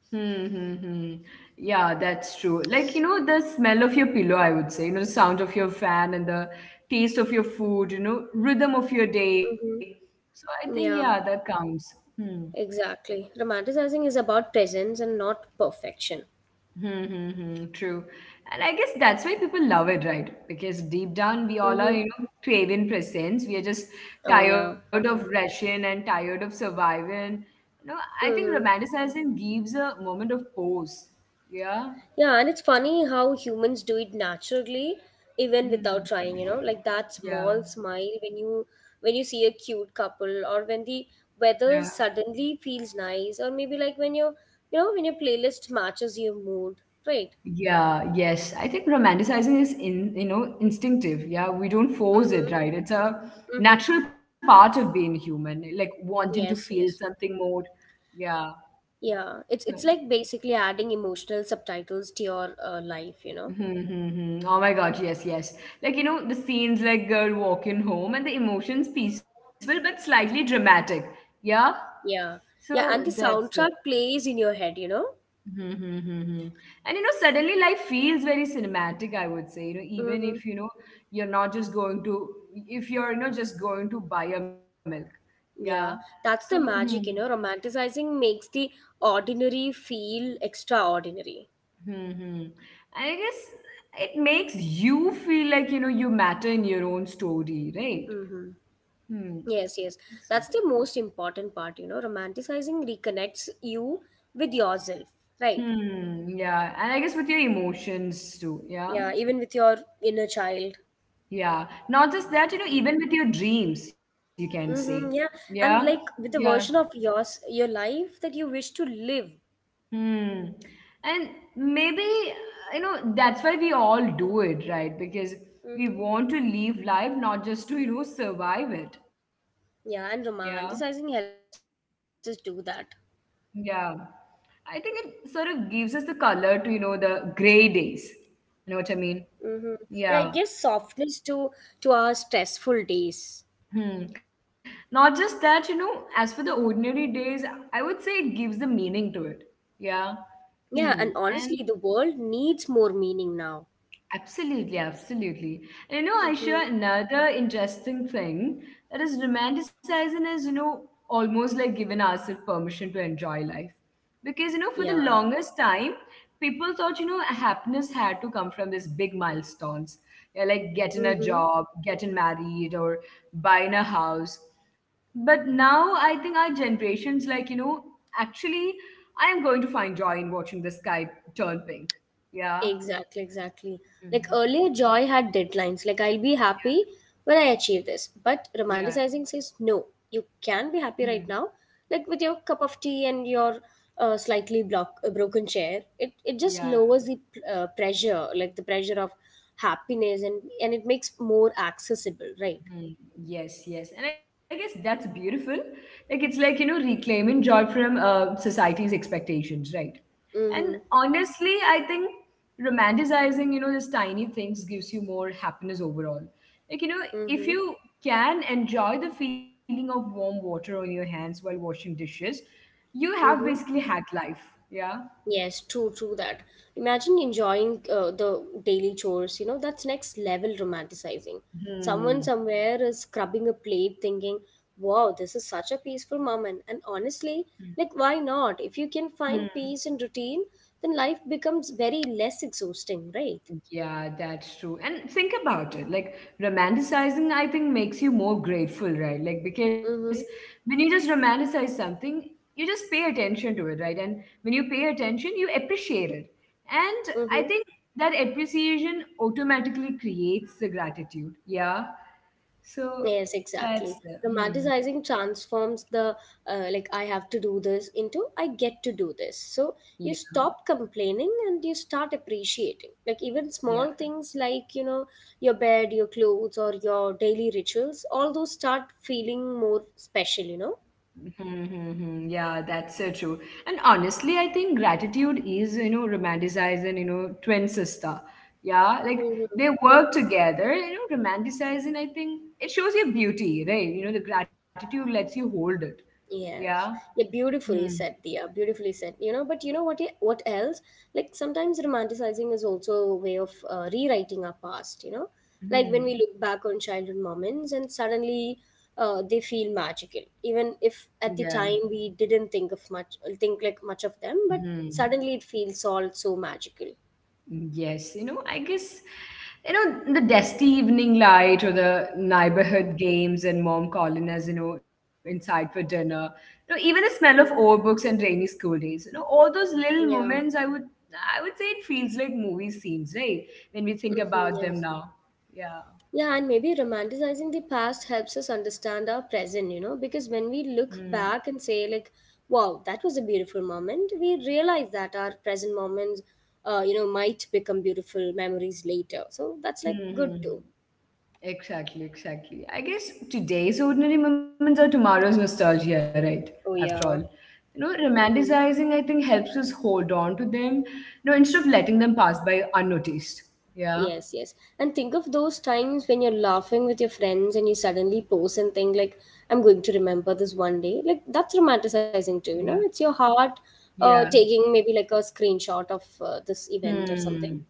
A: Hmm, hmm, hmm. Yeah, that's true. Like, the smell of your pillow, I would say, the sound of your fan and the taste of your food, rhythm of your day. So
B: Mm-hmm.
A: I think, yeah,
B: Yeah,
A: that counts. Hmm.
B: exactly. Romanticizing is about presence and not perfection.
A: Hmm, hmm, hmm. True. And I guess that's why people love it, right? Because deep down, we all are,
B: Mm-hmm.
A: craving presence. We are just
B: Oh,
A: tired
B: yeah.
A: of rushing and tired of surviving. You know, I think
B: Mm-hmm.
A: romanticizing gives a moment of pause. Yeah.
B: Yeah, and it's funny how humans do it naturally even
A: Hmm.
B: without trying, you know, like that
A: Yeah.
B: small smile when you see a cute couple, or when the
A: Yeah.
B: weather suddenly feels nice, or maybe like when your playlist matches your mood, right?
A: Yeah, yes. I think romanticizing is in, instinctive. Yeah, we don't force
B: Mhm.
A: it, right? It's a
B: Mhm.
A: natural part of being human, like wanting to
B: Yes,
A: feel
B: yes.
A: something more. Yeah.
B: Yeah, it's
A: Mm-hmm.
B: like basically adding emotional subtitles to your life, you know.
A: Mm-hmm, mm-hmm. Oh my God, yes, yes. Like, the scenes like girl walking home and the emotions peaceful but slightly dramatic. Yeah. So
B: Yeah. Yeah, and the
A: that's the.
B: soundtrack plays in your head, you know.
A: Hmm, hmm, hmm, hmm. And suddenly life feels very cinematic, I would say. Even
B: Mhm.
A: if you know you're not just going to, if you're, just going to buy a milk. Yeah.
B: Yeah,
A: So,
B: that's the
A: hmm,
B: magic, you know. Romanticizing makes the ordinary feel extraordinary.
A: hmm, hmm. And I guess it makes you feel like, you matter in your own story, right?
B: Mm-hmm.
A: Hmm.
B: Yes, yes.
A: So,
B: That's the most important part, you know. Romanticizing reconnects you with yourself, right?
A: hmm. Yeah. And I guess with your emotions too. Yeah.
B: Yeah, even with your inner child.
A: Yeah. Not just that, even with your dreams, you can say.
B: Mm-hmm, yeah,
A: Yeah.
B: and like
A: Yeah.
B: with the version of yours, your life that you wish to live.
A: Hmm. And maybe, that's why we all do it, right? Because we
B: Mm-hmm.
A: want to live life, not just to, survive it. Yeah.
B: Yeah, and romanticizing helps us do that.
A: Yeah. I think it sort of gives us the color to, the gray days. You know what I mean?
B: Mm-hmm. Yeah, it gives
A: Yeah.
B: softness to our stressful days.
A: Hmm. Not just that, as for the ordinary days, I would say it gives the meaning to it. Yeah.
B: Yeah, and
A: Hmm.
B: honestly,
A: And.
B: the world needs more meaning now.
A: Absolutely, absolutely. And,
B: Mm-hmm.
A: Aisha, another interesting thing that is romanticizing is, almost like giving ourselves permission to enjoy life. Because, for the
B: Yeah.
A: longest time, people thought, happiness had to come from these big milestones, yeah, like getting a
B: Mm-hmm.
A: job, getting married, or buying a house. But now I think our generation's like, actually, I am going to find joy in watching the sky turn pink. Yeah.
B: Exactly, exactly. Like
A: Mhm.
B: earlier, joy had deadlines. Like, I'll be happy when I achieve this. But
A: Yeah.
B: romanticizing says, no, you can be
A: Mm.
B: happy right now. Like, with your cup of tea and your slightly broken chair, it just
A: Yeah.
B: lowers the pressure, like the pressure of happiness, and it makes more accessible, right?
A: Mm. Yes, yes. And I guess that's beautiful. Like it's like, reclaiming joy from society's expectations, right? And
B: Mm-hmm.
A: honestly, I think romanticizing, these tiny things gives you more happiness overall. Like, if
B: Mm-hmm.
A: you can enjoy the feeling of warm water on your hands while washing dishes, you have basically
B: Mm-hmm.
A: hacked life. Yeah.
B: Yes, true, true that. Imagine enjoying the daily chores, you know, that's next level romanticizing. Someone
A: Hmm.
B: somewhere is scrubbing a plate thinking, wow, this is such a peaceful moment. And honestly, like, why not? If you can
A: Hmm.
B: find peace in routine, then life becomes very less exhausting, right?
A: Yeah, that's true. And think about it. Like romanticizing, I think, makes you more grateful, right? Like because
B: Mm-hmm.
A: when you just romanticize something, you just pay attention to it, right? And when you pay attention, you appreciate it. And I
B: Mm-hmm.
A: think that appreciation automatically creates the gratitude. Yeah. So
B: Yes,
A: that's
B: exactly.
A: the hmm.
B: Romanticizing transforms the like I have to do this into I get to do this. So
A: Yeah.
B: you stop complaining and you start appreciating. Like even
A: Yeah.
B: small things like, you know, your bed, your clothes, or your daily rituals, all those start feeling more special, you
A: Hmm, hmm, hmm. Yeah, that's so true. And honestly, I think gratitude is, romanticizing, twin sister. Yeah, like
B: know?
A: they work together, romanticizing, I think it shows your beauty, right? The gratitude lets you hold it. Yeah.
B: Yes. Yeah,
A: Hmm.
B: beautifully said, Dia. Beautifully said. You know, but you know what? What else? Like sometimes romanticizing is also a way of rewriting our past. You know, like when we
A: Hmm.
B: look back on childhood moments and suddenly they feel magical, even if at
A: Yeah.
B: the time we didn't think of much, think like much of them. But
A: Hmm.
B: suddenly it feels all so magical.
A: Yes, I guess, the dusty evening light or the
B: hmm
A: neighborhood games and mom calling us, inside for dinner, even the smell of old books and rainy school days, all those little moments,
B: Yeah.
A: I would say it feels like movie scenes, right? When we think about them
B: Yes.
A: now. Yeah.
B: Yeah, and maybe romanticizing the past helps us understand our present, you know, because when we
A: Hmm.
B: look back and say, like, wow, that was a beautiful moment, we realize that our present moments, you know, might become beautiful memories later. So that's like
A: Hmm. Hmm,
B: good
A: hmm.
B: too.
A: Exactly, exactly. I guess today's ordinary moments are tomorrow's nostalgia, right?
B: Oh,
A: After all,
B: yeah. Mm-hmm.
A: romanticizing, I think, helps us hold on to them, instead of letting them pass by unnoticed. Yeah,
B: Yes, yes. And think of those times when you're laughing with your friends and you suddenly pose and think like, I'm going to remember this one day. Like that's romanticizing too,
A: yeah,
B: you know? It's your heart
A: yeah.
B: taking maybe like a screenshot of this event or
A: Hmm.
B: something.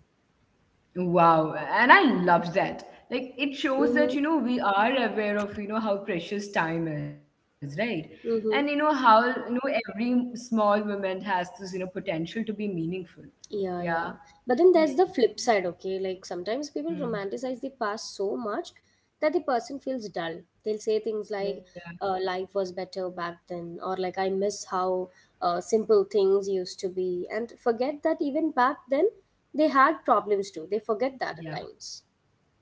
A: Wow. And I love that. Like, it shows
B: Mm-hmm.
A: that, we are aware of, how precious time is, right?
B: Mm-hmm.
A: And, how, every small moment has this, potential to be meaningful.
B: Yeah, yeah.
A: Yeah.
B: But then there's the
A: Hmm.
B: flip side, okay? Like sometimes people romanticize the
A: Hmm.
B: past so much that the person feels dull. They'll say things like,
A: Yeah.
B: life was better back then, or like, I miss how simple things used to be, and forget that even back then they had problems too. They forget that at
A: Yeah,
B: times.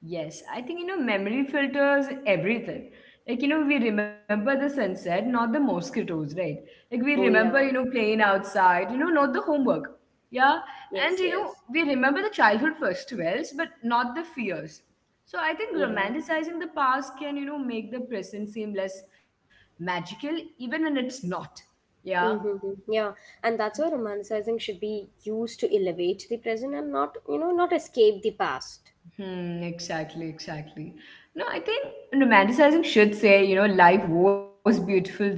A: yes. I think, memory filters everything. Like, we remember the sunset, not the mosquitoes, right? Like, we
B: Oh,
A: remember,
B: yeah.
A: playing outside, not the homework. Yeah. And,
B: Yes, yes.
A: we remember the childhood festivals, but not the fears. So I think
B: Yeah.
A: romanticizing the past can, make the present seem less magical, even when it's not. Yeah.
B: Mm-hmm. Yeah. And that's why romanticizing should be used to elevate the present and not, you know, not escape the past.
A: Hmm, exactly, exactly. No, I think romanticizing should say, life was beautiful then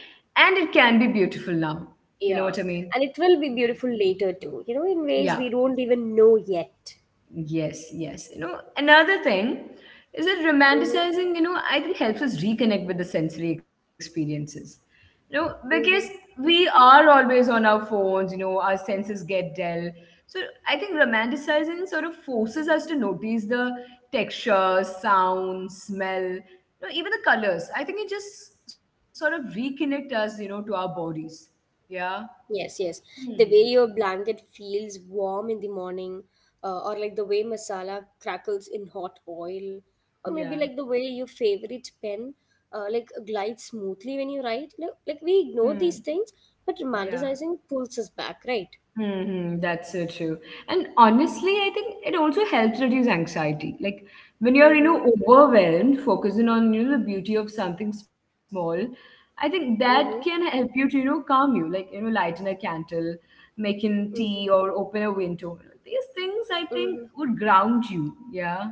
A: and it can be beautiful now. You know what I
B: Yeah,
A: mean?
B: and it will be beautiful later too, you know, in ways
A: Yeah.
B: we don't even know yet.
A: Yes, yes. Another thing is that
B: Mm-hmm.
A: romanticizing, I think helps us reconnect with the sensory experiences. Because
B: Mm-hmm.
A: we are always on our phones, our senses get dull. So I think romanticizing sort of forces us to notice the texture, sound, smell, even the colors. I think it just sort of reconnect us, to our bodies. Yeah.
B: Yes, yes. The
A: Hmm.
B: way your blanket feels warm in the morning, or like the way masala crackles in hot oil, or maybe
A: Yeah.
B: like the way your favorite pen like glides smoothly when you write. Like we
A: Hmm.
B: ignore these things, but
A: Yeah.
B: romanticizing pulls us back, right?
A: That's so true. And honestly, I think it also helps reduce anxiety. Like when you're,
B: Mm-hmm.
A: overwhelmed, focusing on, the beauty of something small, I think that can
B: Mm-hmm.
A: help you to, calm you. Like, lighten a candle, making tea or open a window. These things I think
B: Mm-hmm.
A: would ground you. Yeah.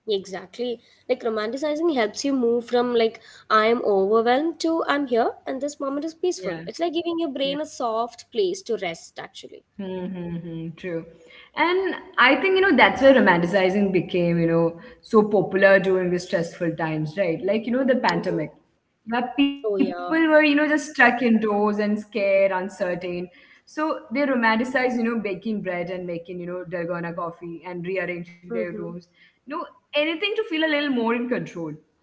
B: Exactly. Like romanticizing helps you move from like I am overwhelmed to I'm here and this moment is
A: Yeah.
B: peaceful. It's like giving your
A: Yeah.
B: brain a soft place to rest actually.
A: Mm-hmm, true. And I think, that's where romanticizing became, so popular during the stressful times, right? Like, the
B: Mm-hmm.
A: pandemic, where people
B: Oh
A: were,
B: yeah.
A: just stuck indoors and scared, uncertain. So they romanticized, baking bread and making, dalgona coffee and rearranging their rooms.
B: Mm-hmm.
A: No, anything to feel a little more in control.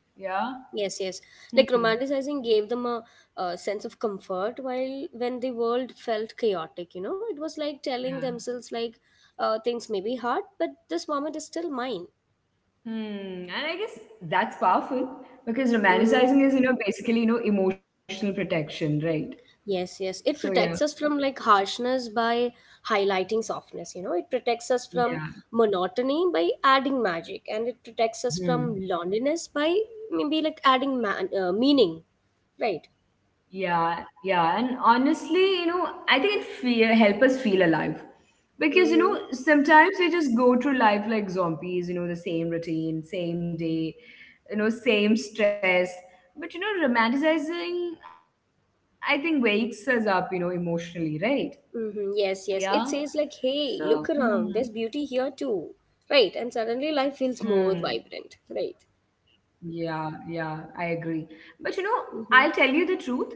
A: Yeah.
B: Yes, yes. Like
A: Hmm.
B: romanticizing gave them a sense of comfort while when the world felt chaotic, you know, it was like
A: Yeah.
B: telling themselves like things may be hard, but this moment is still mine.
A: And I guess that's powerful because
B: Mm-hmm.
A: romanticizing is, basically, emotional protection, right?
B: Yes, yes.
A: So
B: It
A: yeah,
B: protects us from like harshness by highlighting softness, you know. It protects us from
A: yeah,
B: monotony by adding magic, and it protects us
A: hmm.
B: from loneliness by maybe like adding meaning, right?
A: Yeah, yeah. And honestly, I think it help us feel alive because
B: Mm-hmm.
A: sometimes we just go through life like zombies, the same routine, same day, same stress. But romanticizing, I think, wakes us up, emotionally, right? Yeah.
B: Mm-hmm. Yes, yes. It says
A: So.
B: like,
A: Hmm.
B: "Hey, look around. There's beauty here too," right? And suddenly life feels
A: Hmm.
B: more vibrant, right?
A: Yeah, yeah, I agree. But you know,
B: Mm-hmm.
A: I'll tell you the truth.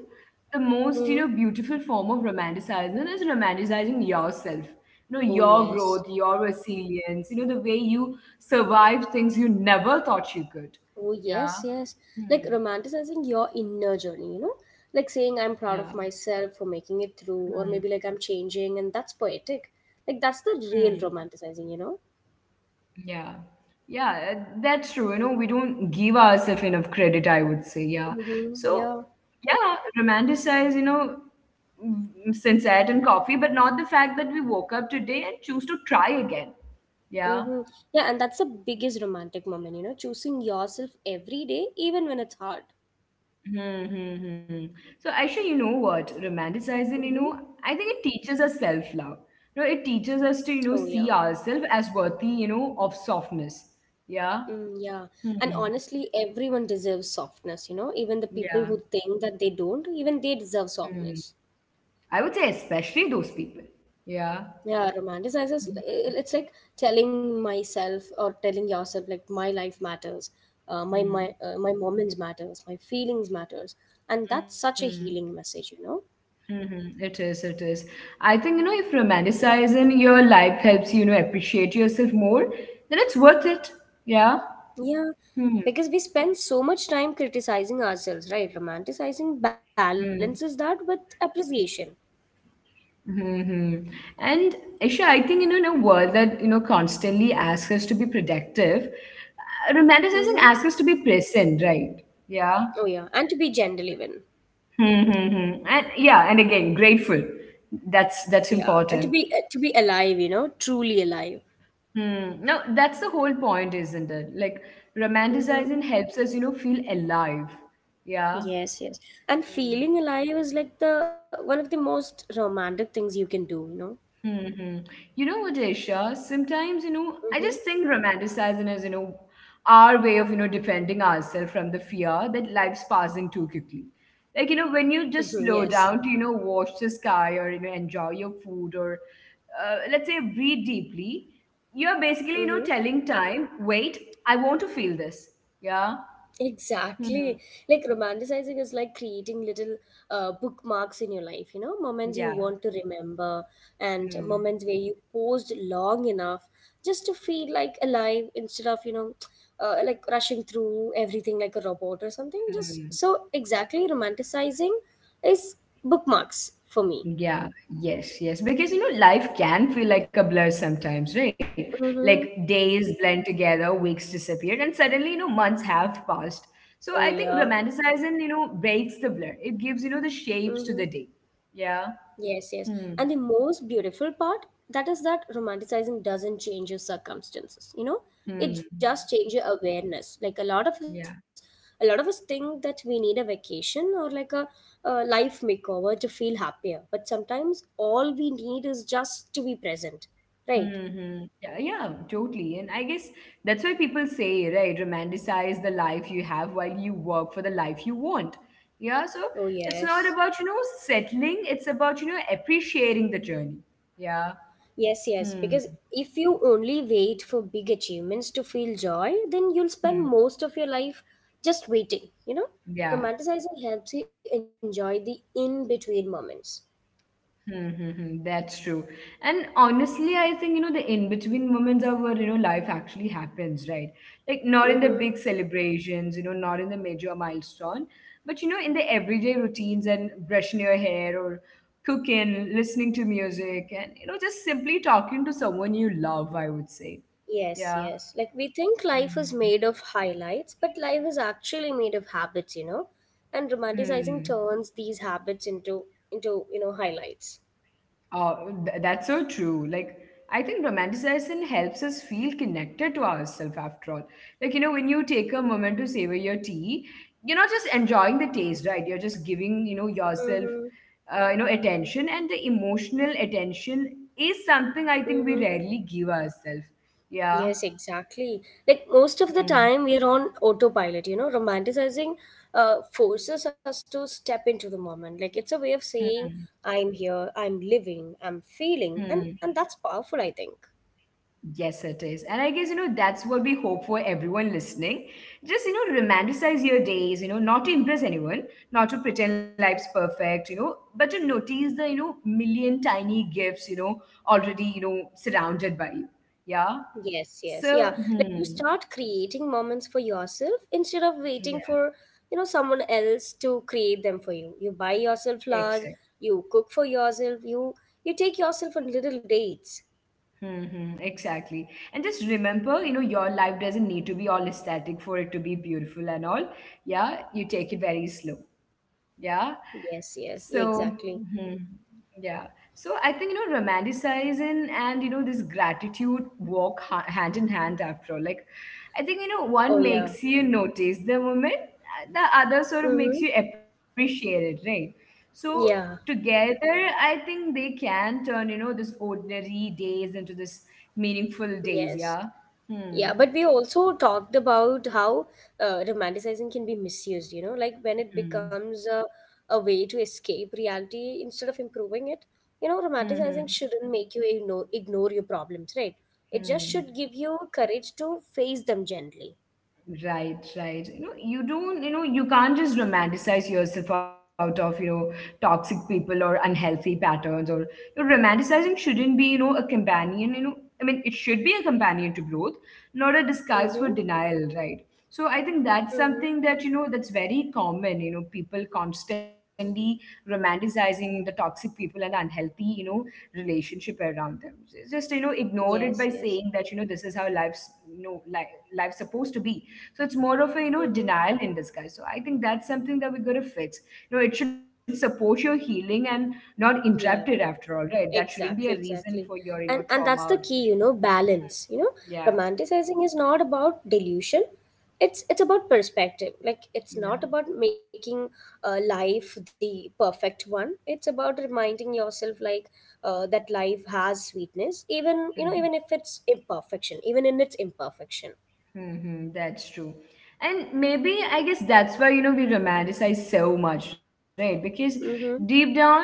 A: The most, you
B: Mm-hmm.
A: know, beautiful form of romanticizing is romanticizing yourself. You know,
B: Oh
A: your
B: yes.
A: growth, your resilience, you know, the way you survive things you never thought you could.
B: Oh,
A: Yeah.
B: yes, yes. Like
A: Hmm.
B: romanticizing your inner journey, you know? Like saying, I'm proud of
A: Yeah.
B: myself for making it through, or
A: Hmm.
B: maybe like I'm changing, and that's poetic. Like that's the real
A: Hmm.
B: romanticizing, you know?
A: Yeah. Yeah, that's true. You know, we don't give ourselves enough credit, I would say. Yeah.
B: Mm-hmm.
A: So,
B: Yeah.
A: yeah, romanticize, you know, sunset and coffee, but not the fact that we woke up today and choose to try again. Yeah.
B: Mm-hmm. Yeah, and that's the biggest romantic moment, you know? Choosing yourself every day, even when it's hard.
A: Hmm, hmm, hmm. So actually, you know what? Romanticizing, you
B: Mm-hmm.
A: know, I think it teaches us self-love. You know, it teaches us to, you know,
B: Oh,
A: see
B: yeah.
A: ourselves as worthy, you know, of softness. Yeah.
B: Mm, yeah. And
A: Hmm.
B: honestly, everyone deserves softness, you know? Even the people who
A: Yeah.
B: think that they don't, even they deserve
A: Hmm.
B: softness.
A: I would say especially those people. Yeah.
B: Yeah, romanticizes, it's like telling myself or telling yourself like my life matters,
A: Mhm.
B: my moments matters, my feelings matters, and that's such a
A: Mhm.
B: healing message, you know?
A: Mhm. It is, it is. I think, you know, if romanticizing your life helps you, you know, appreciate yourself more, then it's worth it. Yeah.
B: Yeah,
A: Hmm.
B: because we spend so much time criticizing ourselves, right? Romanticizing
A: Hmm.
B: balances that with appreciation.
A: Hmm. And Isha, I think, you know, in a world that, you know, constantly asks us to be productive, romanticizing
B: Mm-hmm.
A: asks us to be present, right? Yeah.
B: Oh yeah, and to be gentle, even,
A: Hmm. Hmm, hmm. And yeah, and again, grateful. That's
B: yeah, and
A: important.
B: to be alive, you know, truly alive.
A: Hmm. No, that's the whole point, isn't it? Like
B: Mm-hmm.
A: romanticizing helps us, you know, feel alive. Yeah.
B: Yes, yes. And feeling alive is like the one of the most romantic things you can do, you know?
A: Hmm. Hmm. Hmm. You know what, Aisha? Sometimes, you know, I
B: Mm-hmm.
A: just think romanticizing is, you know, our way of, you know, defending ourselves from the fear that life's passing too quickly. Like, you know, when you
B: Mm-hmm.
A: just slow
B: Yes.
A: down to, you know, watch the sky or, you know, enjoy your food or, let's say, breathe deeply, you're basically, you know,
B: Mm-hmm.
A: telling time, wait, I want to feel this. Yeah.
B: Exactly.
A: Hmm.
B: Like romanticizing is like creating little bookmarks in your life, you know, moments you
A: Yeah.
B: want to remember and
A: Hmm.
B: moments where you paused long enough just to feel like alive instead of, you know, like rushing through everything like a robot or something. Just
A: Hmm.
B: so exactly romanticizing is bookmarks for me.
A: Yeah. Yes. Yes. Because you know, life can feel like a blur sometimes, right? Like
B: Mm-hmm.
A: days blend together, weeks disappear, and suddenly, you know, months have passed. So I
B: Oh
A: think
B: yeah.
A: romanticizing, you know, breaks the blur. It gives, you know, the shapes to the
B: Mm-hmm.
A: day. Yeah.
B: Yes, yes.
A: Hmm.
B: And the most beautiful part that is that romanticizing doesn't change your circumstances. You know,
A: Hmm.
B: it just changes your awareness. Like a lot of us,
A: Yeah.
B: a lot of us think that we need a vacation or like a life makeover to feel happier. But sometimes all we need is just to be present. Right.
A: Mm-hmm. Yeah, yeah, totally. And I guess that's why people say, right, romanticize the life you have while you work for the life you want. Yeah, so
B: Oh
A: it's not
B: yes.
A: about, you know, settling, it's about, you know, appreciating the journey. Yeah.
B: Yes, yes,
A: Hmm.
B: because if you only wait for big achievements to feel joy, then you'll spend
A: Hmm.
B: most of your life just waiting, you know?
A: Yeah.
B: Romanticizing helps you enjoy the in between moments.
A: Mm-hmm, that's true. And honestly, I think, you know, the in-between moments are where, you know, life actually happens, right? Like not in the
B: Mm-hmm.
A: big celebrations, you know, not in the major milestone, but, you know, in the everyday routines and brushing your hair or cooking, listening to music and, you know, just simply talking to someone you love, I would say.
B: Yes,
A: Yeah.
B: yes. Like we think life is made of highlights, but life is actually made of habits, you know? And
A: Mm-hmm.
B: romanticizing turns these habits into you know, highlights.
A: Oh, that's so true. Like, I think romanticizing helps us feel connected to ourselves after all. Like, you know, when you take a moment to savor your tea, you're not just enjoying the taste, right? You're just giving, you know, yourself,
B: Mm-hmm.
A: you know, attention. And the emotional attention is something I think we
B: Mm-hmm.
A: rarely give ourselves. Yeah.
B: Yes, exactly. Like most of the
A: Hmm.
B: time, we're on autopilot, you know, romanticizing forces us to step into the moment. Like it's a way of saying,
A: Hmm.
B: I'm here, I'm living, I'm feeling, and
A: Hmm.
B: and that's powerful, I think.
A: Yes, it is. And I guess, you know, that's what we hope for everyone listening. Just, you know, romanticize your days, you know, not to impress anyone, not to pretend life's perfect, you know, but to notice the, you know, million tiny gifts, you know, already, you know, surrounded by you. Yeah.
B: Yes, yes, yeah.
A: So,
B: Like you
A: hmm,
B: start creating moments for yourself instead of waiting
A: yeah,
B: for, you know, someone else to create them for you. You buy yourself
A: exactly.
B: flowers, you cook for yourself, you take yourself on little dates.
A: Mm-hmm, exactly. And just remember, you know, your life doesn't need to be all aesthetic for it to be beautiful and all. Yeah, you take it very slow. Yeah.
B: Yes, yes,
A: So,
B: exactly.
A: mhm, yeah. So I think, you know, romanticizing and, you know, this gratitude walk hand in hand after all. Like, I think, you know,
B: Oh
A: one
B: yeah.
A: makes you notice the moment, the other sort of
B: Mm-hmm.
A: makes you appreciate it, right? So
B: Yeah,
A: together, I think they can turn, you know, this ordinary days into this meaningful days.
B: yes.
A: Yeah. Hmm,
B: Yeah, but we also talked about how romanticizing can be misused, you know, like when it
A: hmm,
B: becomes a way to escape reality instead of improving it. You know,
A: hmm, hmm,
B: romanticizing shouldn't make you ignore your problems, right? It just
A: hmm.
B: should give you courage to face them gently.
A: Right, right. You know, you don't, you know, you can't just romanticize yourself out of, you know, toxic people or unhealthy patterns or you know, romanticizing shouldn't be, you know, a companion, you know. I mean, it should be a companion to growth, not a disguise for
B: Mm-hmm.
A: denial, right? So I think that's
B: Mm-hmm.
A: something that, you know, that's very common, you know, people constantly romanticizing the toxic people and unhealthy, you know, relationship around them. It's just, you know, ignore it by
B: Yes,
A: saying
B: yes.
A: that, you know, this is how life's, you know, life, life's supposed to be, so it's more of a, you know,
B: Mm-hmm.
A: denial in disguise. So I think that's something that we got to fix. You know, it should support your healing and not interrupt it
B: Yeah.
A: after all, right? That shouldn't be a
B: exactly
A: reason for
B: exactly
A: your, you know,
B: And
A: trauma or
B: that's the
A: depression.
B: key, you know, balance, you know,
A: Yeah.
B: romanticizing is not about delusion, it's about perspective. Like it's not
A: Yeah.
B: about making life the perfect one. It's about reminding yourself like that life has sweetness, even you know
A: Hmm.
B: even if it's imperfection even in its imperfection.
A: Mm-hmm, that's true. And maybe I guess that's why, you know, we romanticize so much, right? Because deep
B: Mm-hmm.
A: down,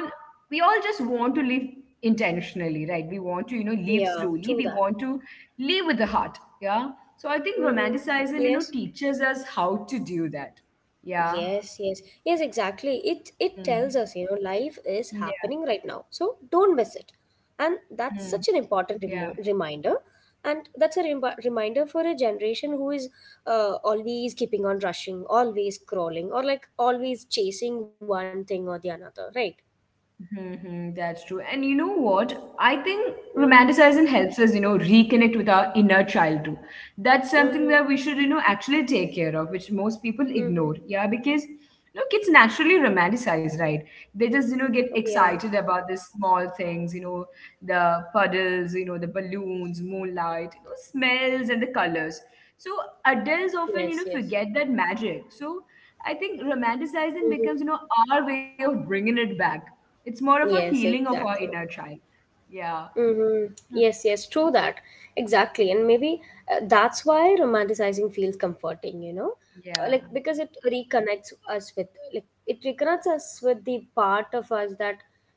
A: we all just want to live intentionally, right? We want to, you know, live
B: Yeah,
A: slowly. We
B: true that.
A: want to live with the heart. Yeah. So I think
B: Mm-hmm.
A: romanticizing, you know,
B: Yes.
A: teaches us how to do that. Yeah.
B: Yes, yes, yes,
A: Mm.
B: exactly. It tells us, you
A: Yeah.
B: know, life is happening right now, so don't miss it.
A: Mm.
B: And that's such an
A: Yeah.
B: important reminder, and that's a reminder for a generation who is always keeping on rushing, always crawling, or like always chasing one thing or the another, right?
A: Hmm, that's true. And you know what? I think
B: Mm-hmm.
A: romanticizing helps us, you know, reconnect with our inner child too. That's something that
B: Mm-hmm.
A: we should, you know, actually take care of, which most people ignore.
B: Mm-hmm.
A: Yeah, because you know, kids naturally romanticize, right? They just, you know,
B: Oh,
A: get
B: yeah.
A: excited about the small things, you know, the puddles, you know, the balloons, moonlight, you know, smells and the colors. So adults often, you
B: Yes.
A: know,
B: Yes.
A: forget that magic. So I think romanticizing
B: Mm-hmm.
A: becomes, you know, our way of bringing it back. It's more of a
B: Yes.
A: healing of our
B: Exactly.
A: inner child. Yeah.
B: Mm-hmm.
A: Hmm.
B: Yes, yes, true that. Exactly. And maybe that's why romanticizing feels comforting, you know? Like, because
A: Yeah.
B: it reconnects us with, like, it reconnects us with the part of us that,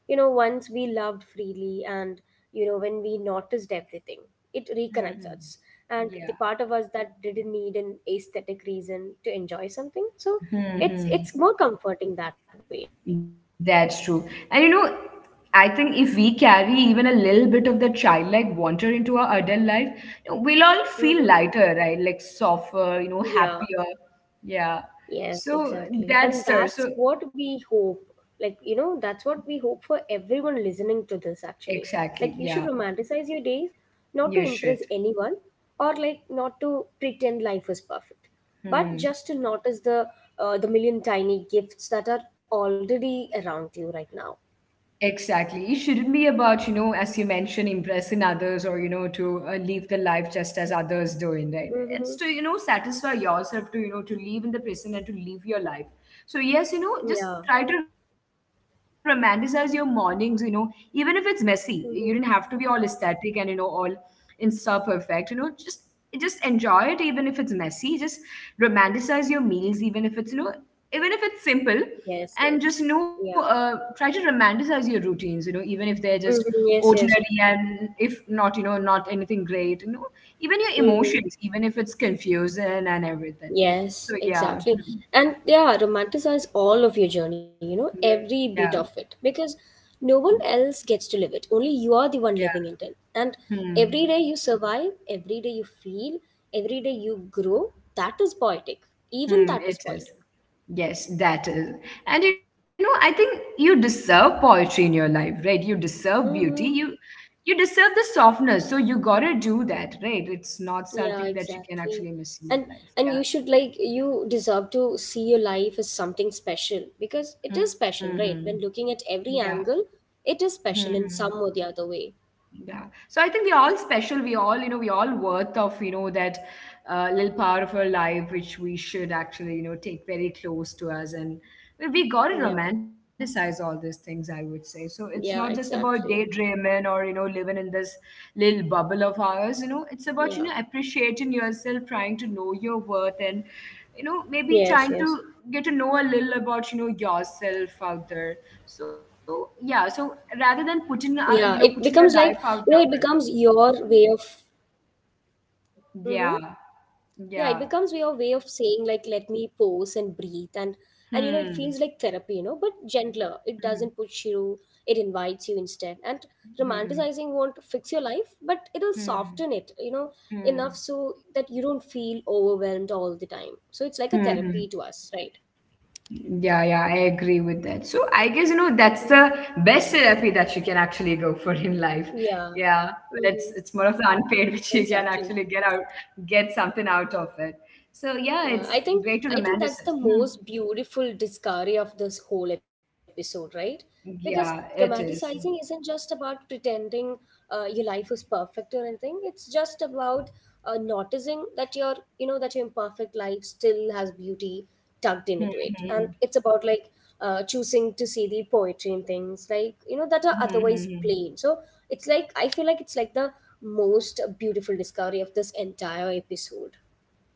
B: you know, once we loved freely and, you know, when we noticed everything, it reconnects us.
A: Hmm.
B: And the part of
A: Yeah.
B: us that didn't need an aesthetic reason to enjoy something. So it's more
A: Hmm.
B: comforting that way.
A: That's true. And you know, I think if we carry even a little bit of the childlike wonder into our adult life, you know, we'll all feel
B: Mm-hmm.
A: lighter, right? Like softer, you know,
B: Yeah.
A: happier. Yeah.
B: Yes,
A: So
B: exactly.
A: that's
B: And
A: sir. So
B: that's what we hope. Like, you know, that's what we hope for everyone listening to this actually.
A: exactly.
B: Like, you
A: Yeah.
B: should romanticize your days, not to
A: You should.
B: impress anyone or like not to pretend life is perfect, but
A: Hmm.
B: just to notice the million tiny gifts that are already around you right now.
A: Exactly. It shouldn't be about, you know, as you mentioned, impressing others or, you know, to live the life just as others doing, right?
B: Mm-hmm.
A: It's to, you know, satisfy yourself, to, you know, to live in the present and to live your life. So, yes, you know, just
B: Yeah.
A: try to romanticize your mornings, you know, even if it's messy. You didn't have to be all
B: Mm-hmm.
A: aesthetic and, you know, all Insta perfect, you know, just enjoy it even if it's messy, just romanticize your meals even if it's, you know, even if it's simple,
B: Yes,
A: and just, you
B: yes.
A: know,
B: Yeah.
A: try to romanticize your routines, you know, even if they're just
B: Mm-hmm. Yes,
A: ordinary
B: yes.
A: and if not, you know, not anything great, you know, even your
B: Mm-hmm.
A: emotions, even if it's confusing and everything. So
B: Yes,
A: yeah.
B: exactly.
A: Hmm,
B: And yeah, romanticize all of your journey, you know, every
A: yeah,
B: bit of it, because no one else gets to live it. Only you are the one
A: yeah.
B: living it. And
A: Hmm.
B: every day you survive, every day you feel, every day you grow, that is poetic. Even that is
A: Hmm, it
B: poetic.
A: is. Yes, that is. And you know, I think you deserve poetry in your life, right? You deserve beauty.
B: Mm-hmm.
A: You deserve the softness. So you gotta do that, right? It's not something
B: Yeah,
A: that you can actually
B: exactly.
A: miss in your
B: And
A: life.
B: and
A: Yeah.
B: you should, like, you deserve to see your life as something special because it is
A: Hmm.
B: special, right? When looking at
A: Yeah.
B: every angle, it is
A: Hmm,
B: special
A: hmm.
B: in some or the other way.
A: Yeah. So I think we're all special. We all, you know, we all worth of, you know, that little part of our life, which we should actually, you know, take very close to us. And we got to
B: Yeah.
A: romanticize all these things, I would say. So it's not just
B: Yeah,
A: about
B: exactly.
A: daydreaming or, you know, living in this little bubble of ours. You know, it's about, you know,
B: Yeah.
A: appreciating yourself, trying to know your worth and, you know, maybe
B: Yes,
A: trying
B: yes.
A: to get to know a little about, you know, yourself out there. So yeah, so rather
B: Yeah,
A: than
B: it
A: putting
B: becomes like,
A: you know,
B: you know,
A: putting
B: it
A: your
B: becomes
A: life out there
B: your
A: for it.
B: way of. Mm-hmm.
A: Yeah,
B: Yeah, it becomes your way of
A: yeah.
B: saying like let me pause and breathe, and you know it feels like
A: Hmm.
B: therapy, you know, but gentler. It
A: Hmm.
B: doesn't push you, it invites you instead. And
A: Hmm.
B: romanticizing won't fix your life, but it'll soften
A: Hmm.
B: it, you know, enough
A: Hmm.
B: so that you don't feel overwhelmed all the time. So it's like a
A: Hmm.
B: therapy to
A: Hmm.
B: us, right?
A: Yeah, yeah, I agree with that. So I guess you know that's
B: Mm-hmm.
A: the best therapy that you can actually go for in life.
B: Yeah.
A: Yeah, but
B: Mm-hmm.
A: it's more of the unpaid which you can
B: Exactly.
A: actually get out, get something out of it. So yeah,
B: Yeah,
A: it's
B: I think
A: great to
B: I think that's the
A: romanticize. Hmm.
B: most beautiful discovery of this whole episode, right? Because
A: Yeah, it
B: romanticizing
A: is.
B: isn't just about pretending your life is perfect or anything. It's just about noticing that your you know that your imperfect life still has beauty tucked into
A: Hmm.
B: it, and it's
A: Hmm.
B: about like choosing to see the poetry and things like you know that are
A: Hmm. Hmm,
B: otherwise
A: hmm.
B: plain. So it's like I feel like it's like the most beautiful discovery of this entire episode.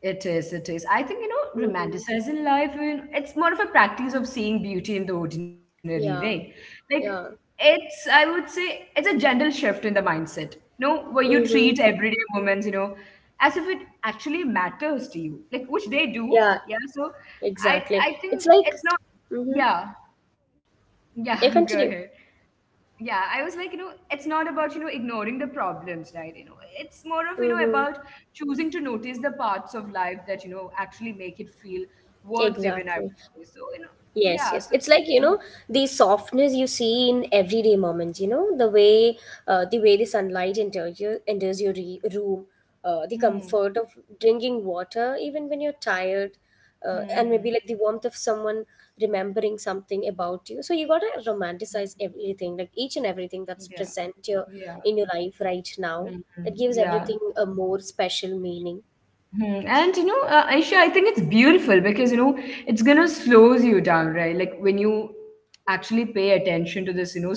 A: It is, it is. I think, you know,
B: Mm-hmm.
A: romanticizing life, you it's more of a practice of seeing beauty in the ordinary, right?
B: Yeah,
A: Like,
B: yeah,
A: it's, I would say, it's a gentle shift in the mindset, you know, where you treat
B: mm-hmm.
A: everyday moments, you know, as if it actually matters to you, like, which they do.
B: Yeah,
A: Yeah. So I,
B: exactly.
A: I think
B: It's like,
A: it's not,
B: mm-hmm.
A: yeah, yeah,
B: Yeah,
A: go
B: continue.
A: ahead. Yeah, I was like, you know, it's not about, you know, ignoring the problems, right? You know, it's more of, you know,
B: Mm-hmm.
A: about choosing to notice the parts of life that, you know, actually make it feel worth living, I would
B: Exactly.
A: say. So you know,
B: Yes,
A: yeah
B: yes.
A: so.
B: It's like, you
A: Hmm,
B: know, the softness you see in everyday moments, you know, the way the way the sunlight enters your re room, the
A: hmm,
B: comfort of drinking water even when you're tired,
A: hmm,
B: and
A: hmm.
B: maybe like the warmth of someone remembering something about you. So you gotta romanticize everything, like each and everything that's
A: Yeah,
B: present your
A: yeah.
B: in your life right now.
A: Hmm, hmm,
B: That gives
A: yeah.
B: everything a more special meaning.
A: Mhm. And you know, Aisha, I think it's beautiful because you know it's gonna slows you down, right? Like when you actually pay attention to this, you know, small,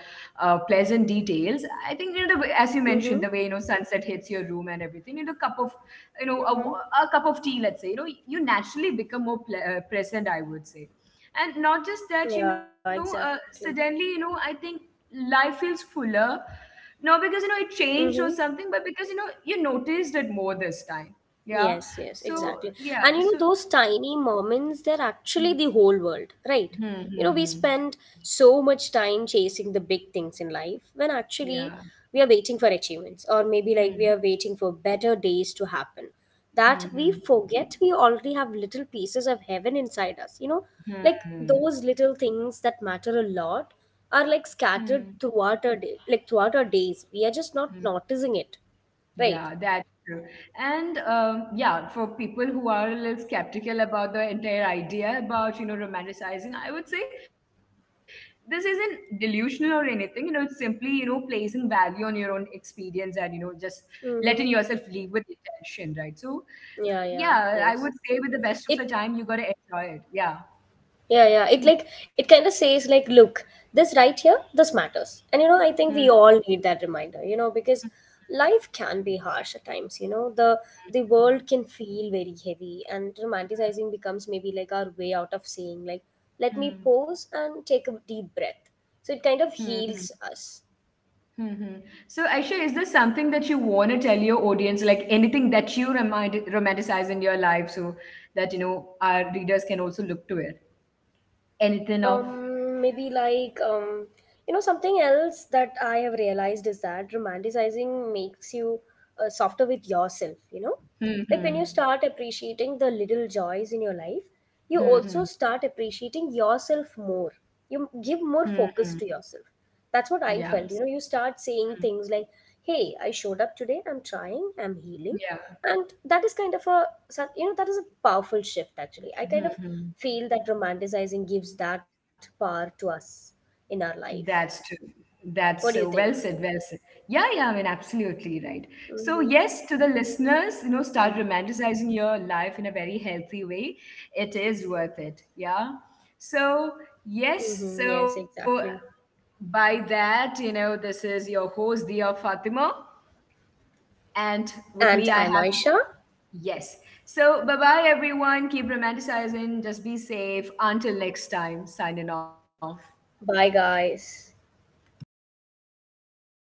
A: pleasant details. I think you know, as you
B: Mm-hmm.
A: mentioned, the way you know sunset hits your room and everything. You know, cup of, you know,
B: Mm-hmm.
A: a cup of tea, let's say. You know, you naturally become more present, I would say, and not just that. You
B: Yeah,
A: know,
B: exactly.
A: suddenly, you know, I think life feels fuller, not because you know it changed or
B: Mm-hmm.
A: something, but because you know you noticed it more this time. Yeah.
B: Yes, yes,
A: So
B: exactly.
A: yeah.
B: And you
A: So
B: know, those tiny moments, they're actually
A: hmm,
B: the whole world, right?
A: hmm,
B: You know, we
A: hmm.
B: spend so much time chasing the big things in life when
A: Yeah.
B: actually we are waiting for achievements, or maybe like we
A: Hmm,
B: are waiting for better days to happen. That
A: hmm, hmm,
B: we forget we already have little pieces of heaven inside us, you know, like
A: hmm,
B: those little things that matter a lot are like
A: hmm,
B: scattered throughout our day, like throughout our days. We are just not
A: hmm.
B: noticing it, right?
A: Yeah, that's true. And yeah, for people who are a little skeptical about the entire idea about you know romanticizing, I would say this isn't delusional or anything. You know, it's simply you know placing value on your own experience and you know just letting yourself
B: Mm-hmm.
A: leave with intention, right? So
B: Yeah,
A: yeah,
B: yeah,
A: I would say
B: yes.
A: with the best of the time, you
B: It,
A: got to enjoy it. Yeah.
B: yeah, yeah. It like, it kind of says, like, look, this right here, this matters. And, you know, I
A: Hmm.
B: think we all need that reminder, you know, because
A: Hmm.
B: life can be harsh at times, you know, the world can feel very heavy and romanticizing becomes maybe like our way out of saying, like, let
A: Hmm.
B: me
A: Hmm.
B: pause and take a deep breath. So it
A: Hmm.
B: kind of
A: Hmm.
B: heals us.
A: Hmm. Hmm. So, Aisha, is there something that you want to tell your audience, like anything that you remind, romanticize in your life, so that you know our readers can also look to it? Anything of?
B: Maybe like you know something else that I have realized is that romanticizing makes you softer with yourself, you know?
A: Hmm.
B: Like when
A: Hmm.
B: you start appreciating the little joys in your life, you
A: Hmm.
B: also
A: Hmm.
B: start appreciating yourself more, you give
A: Hmm.
B: more
A: Hmm.
B: focus to yourself, that's what I
A: Yes.
B: felt. You know, you start
A: Hmm.
B: saying things like, hey, I showed up today, I'm trying, I'm healing.
A: Yeah.
B: And that is kind of a, you know, that is a powerful shift actually. I
A: Hmm.
B: kind of
A: Hmm.
B: feel that romanticizing gives that power to us in our life.
A: That's true. That's
B: What do
A: so
B: you
A: well
B: think?
A: said, well said. Yeah, yeah, I mean, absolutely right. So,
B: Mm-hmm.
A: yes, to the listeners, you know, start
B: Yeah.
A: romanticizing your life in a very healthy way. It is worth it. Yeah. So, yes,
B: Mm-hmm. Yes,
A: so
B: exactly.
A: by that, you know, this is your host, Dia Fatima. And with me,
B: And
A: I
B: I'm
A: have,
B: Aisha.
A: yes. So, bye bye, everyone. Keep romanticizing. Just be safe. Until next time, signing off.
B: Bye, guys.